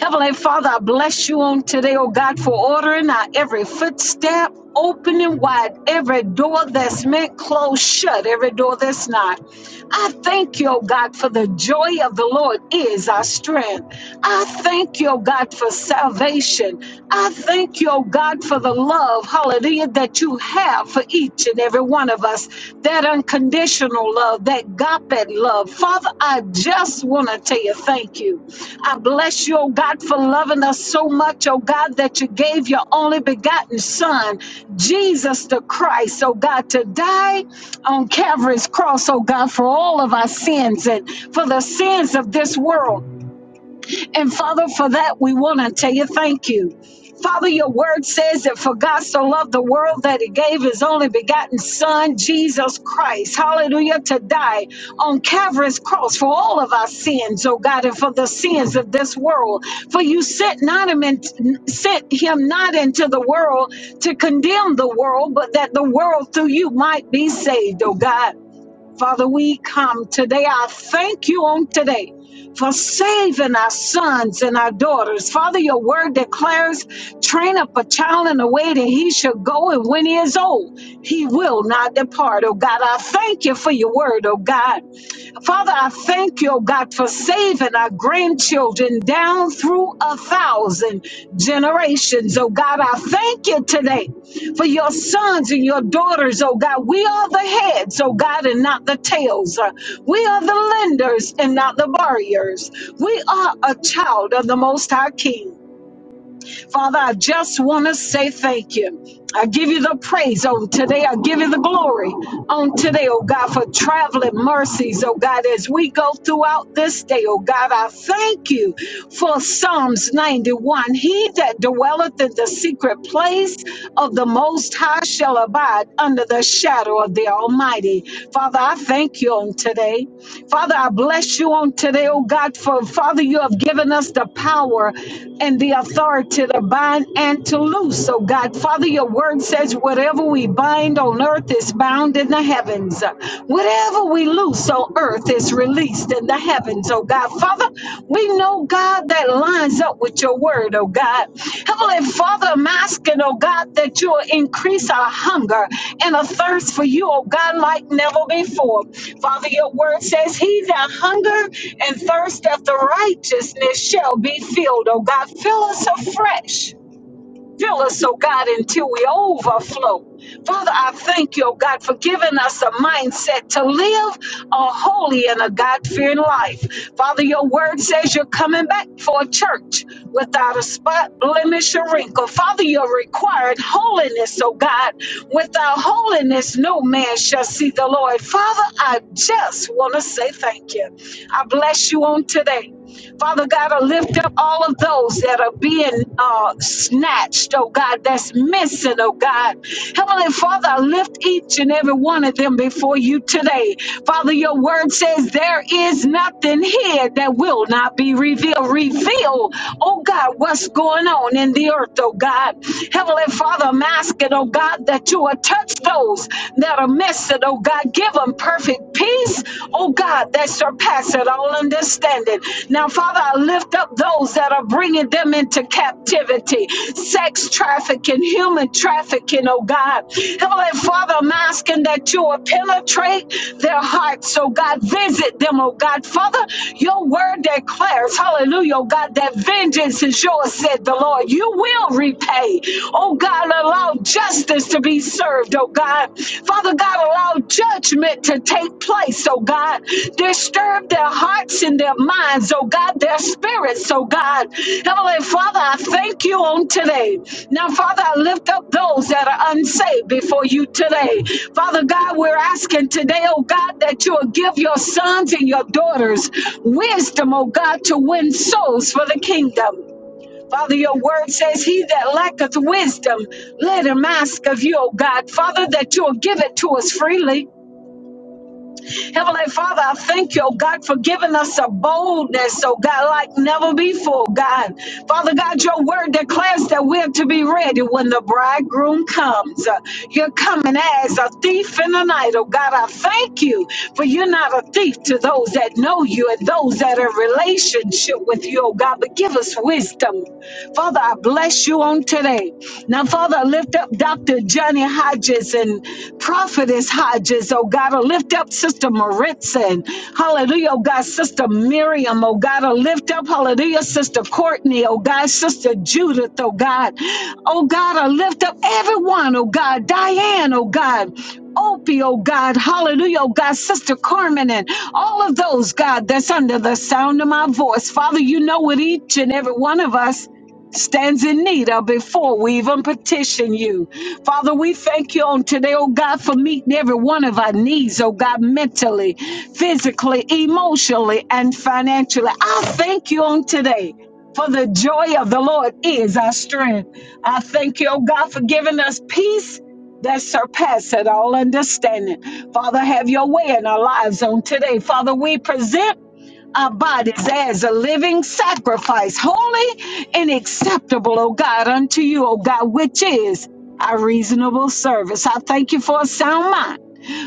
Speaker 5: Heavenly Father, I bless you on today, oh God, for ordering our every footstep, opening wide every door that's meant closed shut, every door that's not. I thank you, oh God, for the joy of the Lord is our strength. I thank you, oh God, for salvation. I thank you, oh God, for the love, hallelujah, that you have for each and every one of us. That unconditional love, that God love. Father, I I just want to tell you thank you. I bless you, oh God, for loving us so much, oh God, that you gave your only begotten Son, Jesus the Christ, oh God, to die on Calvary's cross, oh God, for all of our sins and for the sins of this world. And Father, for that, we want to tell you thank you. Father, your word says that for God so loved the world that he gave his only begotten Son, Jesus Christ, hallelujah, to die on Calvary's cross for all of our sins, oh God, and for the sins of this world. For you sent, not him in, sent him not into the world to condemn the world, but that the world through you might be saved, oh God. Father, we come today. I thank you on today for saving our sons and our daughters. Father, your word declares train up a child in the way that he should go, and when he is old, he will not depart. Oh God, I thank you for your word, oh God. Father, I thank you, oh God, for saving our grandchildren down through a thousand generations. Oh God, I thank you today for your sons and your daughters. Oh God, we are the heads, oh God, and not the tails. Uh, We are the lenders and not the borrowers. We are a child of the Most High King. Father, I just want to say thank you. I give you the praise on today. I give you the glory on today, oh God, for traveling mercies, oh God, as we go throughout this day, oh God. I thank you for Psalms 91. He that dwelleth in the secret place of the Most High shall abide under the shadow of the Almighty. Father, I thank you on today. Father, I bless you on today, oh God, for Father, you have given us the power and the authority to bind and to loose. So, God, Father, your word says, whatever we bind on earth is bound in the heavens. Whatever we loose on earth is released in the heavens, oh God. Father, we know oh God, that lines up with your word, oh God. Heavenly Father, I'm asking, oh God, that you will increase our hunger and a thirst for you, oh God, like never before. Father, your word says, He that hunger and thirst after righteousness shall be filled, oh God. Fill us afresh. Fill us, oh God, until we overflow. Father, I thank you, oh God, for giving us a mindset to live a holy and a God fearing life. Father, your word says you're coming back for a church without a spot, blemish, or wrinkle. Father, you're required holiness, oh God. Without holiness, no man shall see the Lord. Father, I just want to say thank you. I bless you on today. Father God, I lift up all of those that are being uh, snatched, oh God, that's missing, oh God. Heavenly Father, I lift each and every one of them before you today. Father, your word says there is nothing here that will not be revealed. Reveal, oh God, what's going on in the earth, oh God. Heavenly Father, I'm asking, oh God, that you will touch those that are missing, oh God. Give them perfect perfect peace, oh God, that surpasseth all understanding. Now, Father, I lift up those that are bringing them into captivity, sex trafficking, human trafficking, oh God. Heavenly Father, I'm asking that you will penetrate their hearts, oh God. Visit them, oh God. Father, your word declares, hallelujah, oh God, that vengeance is yours, said the Lord. You will repay, oh God. Allow justice to be served, oh God. Father God, allow judgment to take place, oh God. Disturb their hearts and their minds, oh God, their spirits, oh God. Heavenly Father, I thank you on today. Now, Father, I lift up those that are unsaved before you today. Father God, we're asking today, oh God, that you will give your sons and your daughters wisdom, oh God, to win souls for the kingdom. Father, your word says, He that lacketh wisdom, let him ask of you, O God. Father, that you'll give it to us freely. Heavenly Father, I thank you, oh God, for giving us a boldness, oh God, like never before, God. Father God, your word declares that we're to be ready when the bridegroom comes. Uh, You're coming as a thief in the night, oh God. I thank you, for you're not a thief to those that know you and those that are in relationship with you, oh God. But give us wisdom. Father, I bless you on today. Now, Father, I lift up Dr. Johnson. Ronnie Hodges and Prophetess Hodges, oh God, to lift up Sister Maritza. and Hallelujah, oh God, Sister Miriam, oh God, to lift up, hallelujah, Sister Courtney, oh God, Sister Judith, oh God, oh God, I lift up everyone, oh God, Diane, oh God. Opie, oh God, hallelujah, oh God, Sister Carmen, and all of those, God, that's under the sound of my voice. Father, you know what each and every one of us stands in need of before we even petition you. Father, we thank you on today, oh God, for meeting every one of our needs, oh God, mentally, physically, emotionally, and financially. I thank you on today. For the joy of the Lord is our strength. I thank you, oh God, for giving us peace that surpasses all understanding. Father, have your way in our lives on today. Father, we present our bodies as a living sacrifice, holy and acceptable, O God, unto you, O God, which is our reasonable service. I thank you for a sound mind.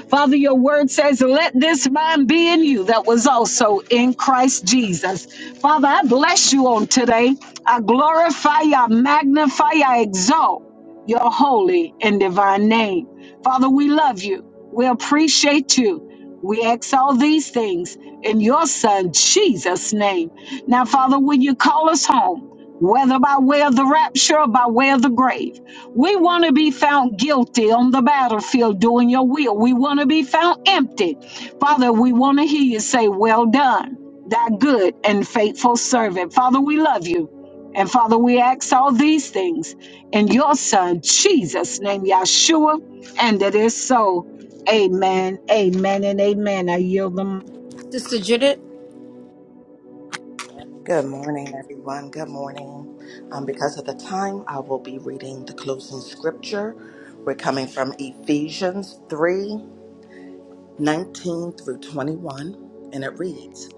Speaker 5: Father, your word says, Let this mind be in you that was also in Christ Jesus. Father, I bless you on today. I glorify, I magnify, I exalt your holy and divine name. Father, we love you. We appreciate you. We ask all these things in your son, Jesus' name. Now, Father, when you call us home, whether by way of the rapture or by way of the grave, we want to be found guilty on the battlefield doing your will. We want to be found empty. Father, we want to hear you say, Well done, thy good and faithful servant. Father, we love you. And Father, we ask all these things in your Son, Jesus' name, Yeshua, and it is so. Amen, amen, and amen. I yield the
Speaker 1: Sister Judith.
Speaker 7: Good morning, everyone. Good morning. Um, because of the time, I will be reading the closing scripture. We're coming from Ephesians three nineteen through 21, and it reads,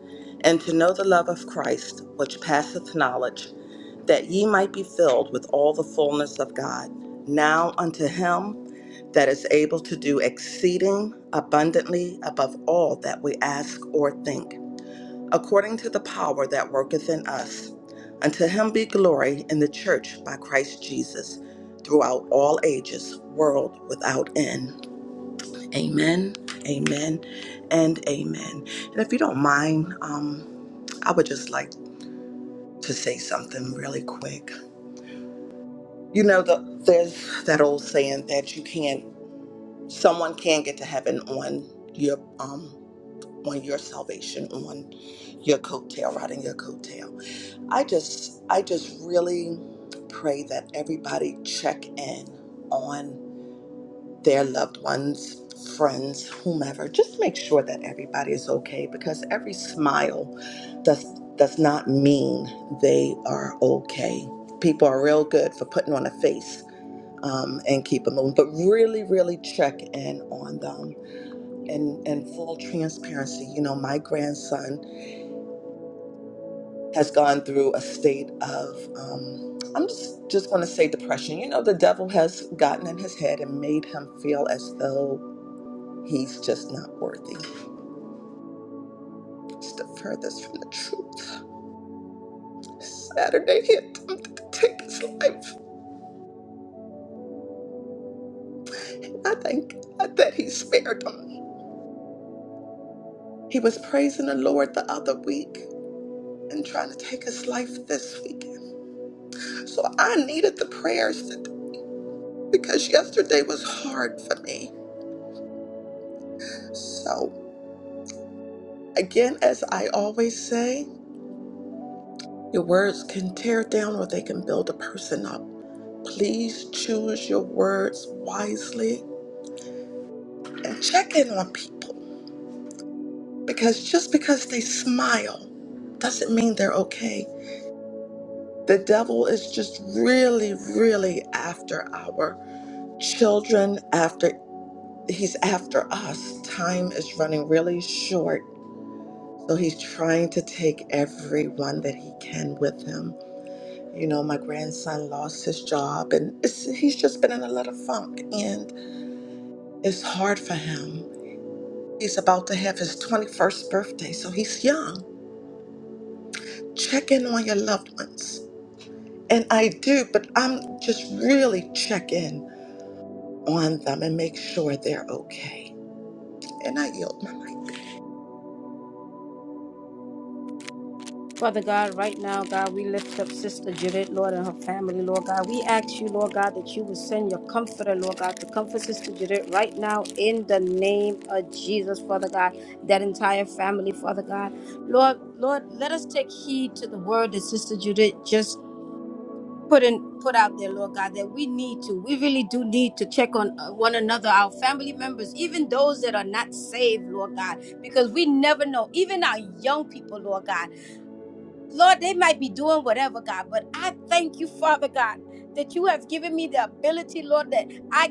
Speaker 7: And to know the love of Christ, which passeth knowledge that ye might be filled with all the fullness of God. Now unto him that is able to do exceeding abundantly above all that we ask or think, according to the power that worketh in us. Unto him be glory in the church by Christ Jesus throughout all ages, world without end. Amen, amen, and amen. And if you don't mind, um, I would just like to say something really quick. You know, the, there's that old saying that you can't, someone can get to heaven on your, um, on your salvation, on your coattail, riding your coattail. I just, I just really pray that everybody check in on their loved ones, friends, whomever. Just make sure that everybody is okay because every smile does does not mean they are okay. People are real good for putting on a face um, and keep them moving. But really, really check in on them. And and full transparency, you know, my grandson has gone through a state of, um, I'm just, just going to say depression. You know, the devil has gotten in his head and made him feel as though he's just not worthy. It's the furthest from the truth. Saturday, he attempted to take his life. I thank God that he spared him. He was praising the Lord the other week and trying to take his life this week. So I needed the prayers to, because yesterday was hard for me. So, again, as I always say, your words can tear down or they can build a person up. Please choose your words wisely and check in on people because just because they smile doesn't mean they're okay. The devil is just really, really after our children, after he's after us. Time is running really short So he's trying to take everyone that he can with him. You know, my grandson lost his job and it's, he's just been in a lot of funk and it's hard for him. He's about to have his 21st birthday, so he's young. Check in on your loved ones. And I do, but I'm just really check in on them and make sure they're okay. And I yield my mic.
Speaker 1: Father God, right now, God, we lift up Sister Judith, Lord, and her family, Lord God. We ask you, Lord God, that you would send your comforter, Lord God, to comfort Sister Judith right now in the name of Jesus, Father God, that entire family, Father God. Lord, Lord, let us take heed to the word that Sister Judith just put in put out there lord god that we need to we really do need to check on uh, one another our family members even those that are not saved lord god because we never know even our young people lord god lord they might be doing whatever god but i thank you father god that you have given me the ability lord that I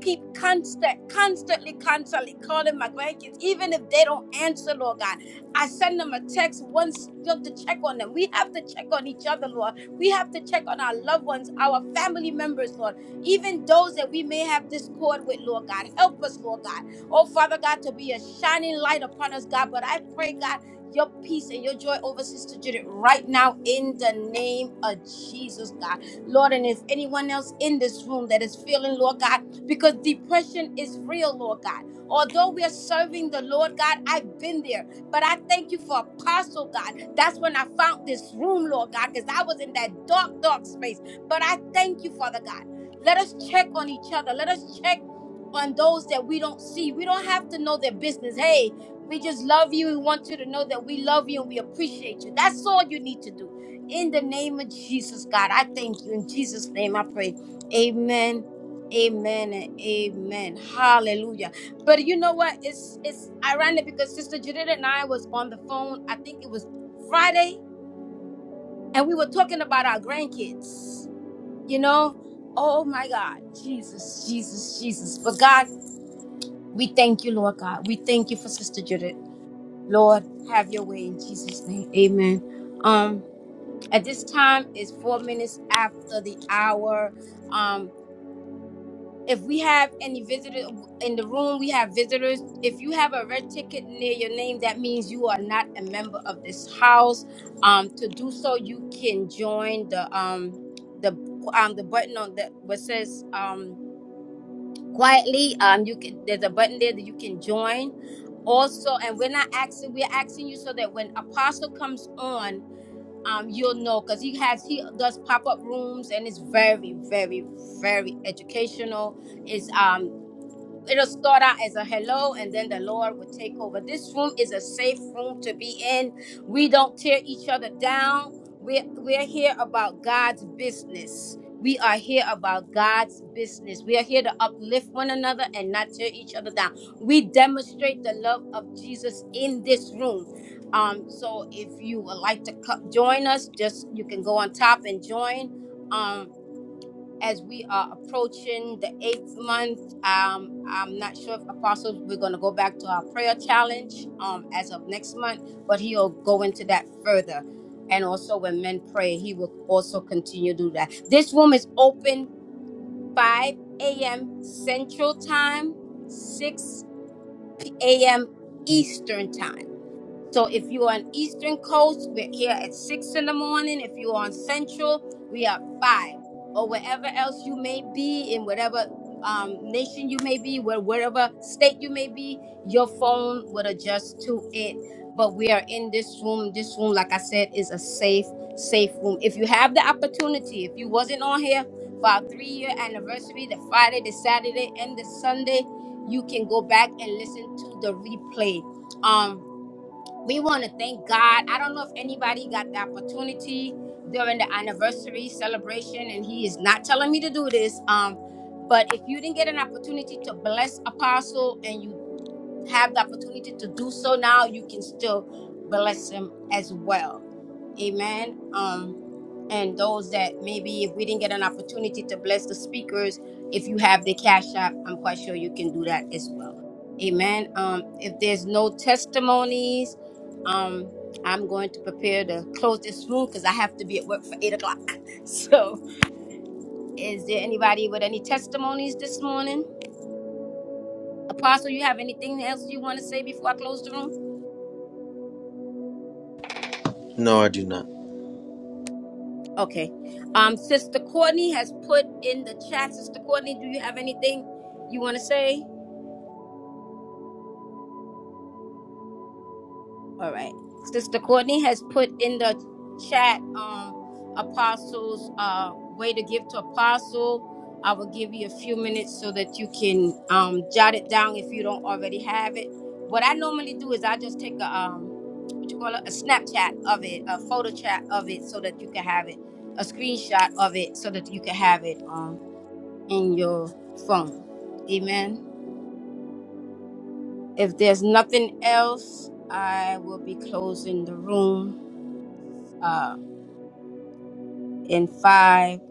Speaker 1: keep constant, constantly, constantly calling my grandkids, even if they don't answer, Lord God. I send them a text once just to check on them. We have to check on each other, Lord. We have to check on our loved ones, our family members, Lord. Even those that we may have discord with, Lord God. Help us, Lord God. Oh, Father God, to be a shining light upon us, God. But I pray, God, your peace and your joy over Sister Judith right now in the name of Jesus, God. Lord, and if anyone else in this room that is feeling, Lord God, because depression is real, Lord God. Although we are serving the Lord God, I've been there. But I thank you for Apostle God. That's when I found this room, Lord God, because I was in that dark, dark space. But I thank you, Father God. Let us check on each other. Let us check on those that we don't see. We don't have to know their business. Hey, we just love you. We want you to know that we love you and we appreciate you. That's all you need to do. In the name of Jesus, God, I thank you. In Jesus' name, I pray. Amen. Amen and amen. Hallelujah. But you know what? It's it's ironic because Sister Judith and I was on the phone, I think it was Friday, and we were talking about our grandkids. You know? Oh my God. Jesus, Jesus, Jesus. But God, we thank you, Lord God. We thank you for Sister Judith. Lord, have your way in Jesus' name. Amen. Um, at this time it's four minutes after the hour. Um. if we have any visitors in the room, we have visitors. If you have a red ticket near your name, that means you are not a member of this house. Um, to do so, you can join the um the um the button on that what says um quietly. Um, you can there's a button there that you can join. Also, and we're not asking we're asking you so that when Apostle comes on, um, you'll know because he has he does pop up rooms and it's very very very educational. Is um it'll start out as a hello and then the lord will take over this room is a safe room to be in we don't tear each other down we're, we're here about god's business we are here about god's business we are here to uplift one another and not tear each other down we demonstrate the love of jesus in this room um so if you would like to co- join us just you can go on top and join Um as we are approaching the eighth month. Um, I'm not sure if apostles we're going to go back to our prayer challenge um as of next month, but he'll go into that further. And also, when men pray, he will also continue to do that. This room is open 5 a.m. Central Time, 6 p- a.m. Eastern Time. So if you're on Eastern Coast, we're here at six in the morning. If you're on Central, we are five. Or wherever else you may be, in whatever um, nation you may be, where wherever state you may be, your phone would adjust to it. But we are in this room. This room, like I said, is a safe, safe room. If you have the opportunity, if you wasn't on here for our three-year anniversary, the Friday, the Saturday, and the Sunday, you can go back and listen to the replay. Um, we want to thank God. I don't know if anybody got the opportunity during the anniversary celebration, and he is not telling me to do this. Um, but if you didn't get an opportunity to bless Apostle and you have the opportunity to do so now, you can still bless them as well. Amen. Um, and those that maybe if we didn't get an opportunity to bless the speakers, if you have the cash app, I'm quite sure you can do that as well. Amen. Um, if there's no testimonies, um, I'm going to prepare to close this room because I have to be at work for eight o'clock. <laughs> So, is there anybody with any testimonies this morning? Apostle, you have anything else you want to say before I close the room?
Speaker 2: No, I do not.
Speaker 1: Okay. Um, Sister Courtney has put in the chat. Sister Courtney, do you have anything you want to say? All right. Sister Courtney has put in the chat um apostles uh way to give to apostle. I will give you a few minutes so that you can um jot it down if you don't already have it. What I normally do is I just take a um what you call it a Snapchat of it, a photo chat of it so that you can have it, a screenshot of it so that you can have it. Um. in your phone. Amen. If there's nothing else, I will be closing the room uh, in five,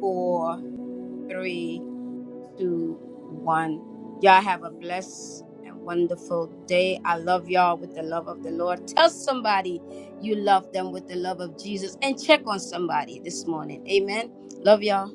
Speaker 1: four, three, two, one. Y'all have a blessed and wonderful day. I love y'all with the love of the Lord. Tell somebody you love them with the love of Jesus and check on somebody this morning. Amen. Love y'all.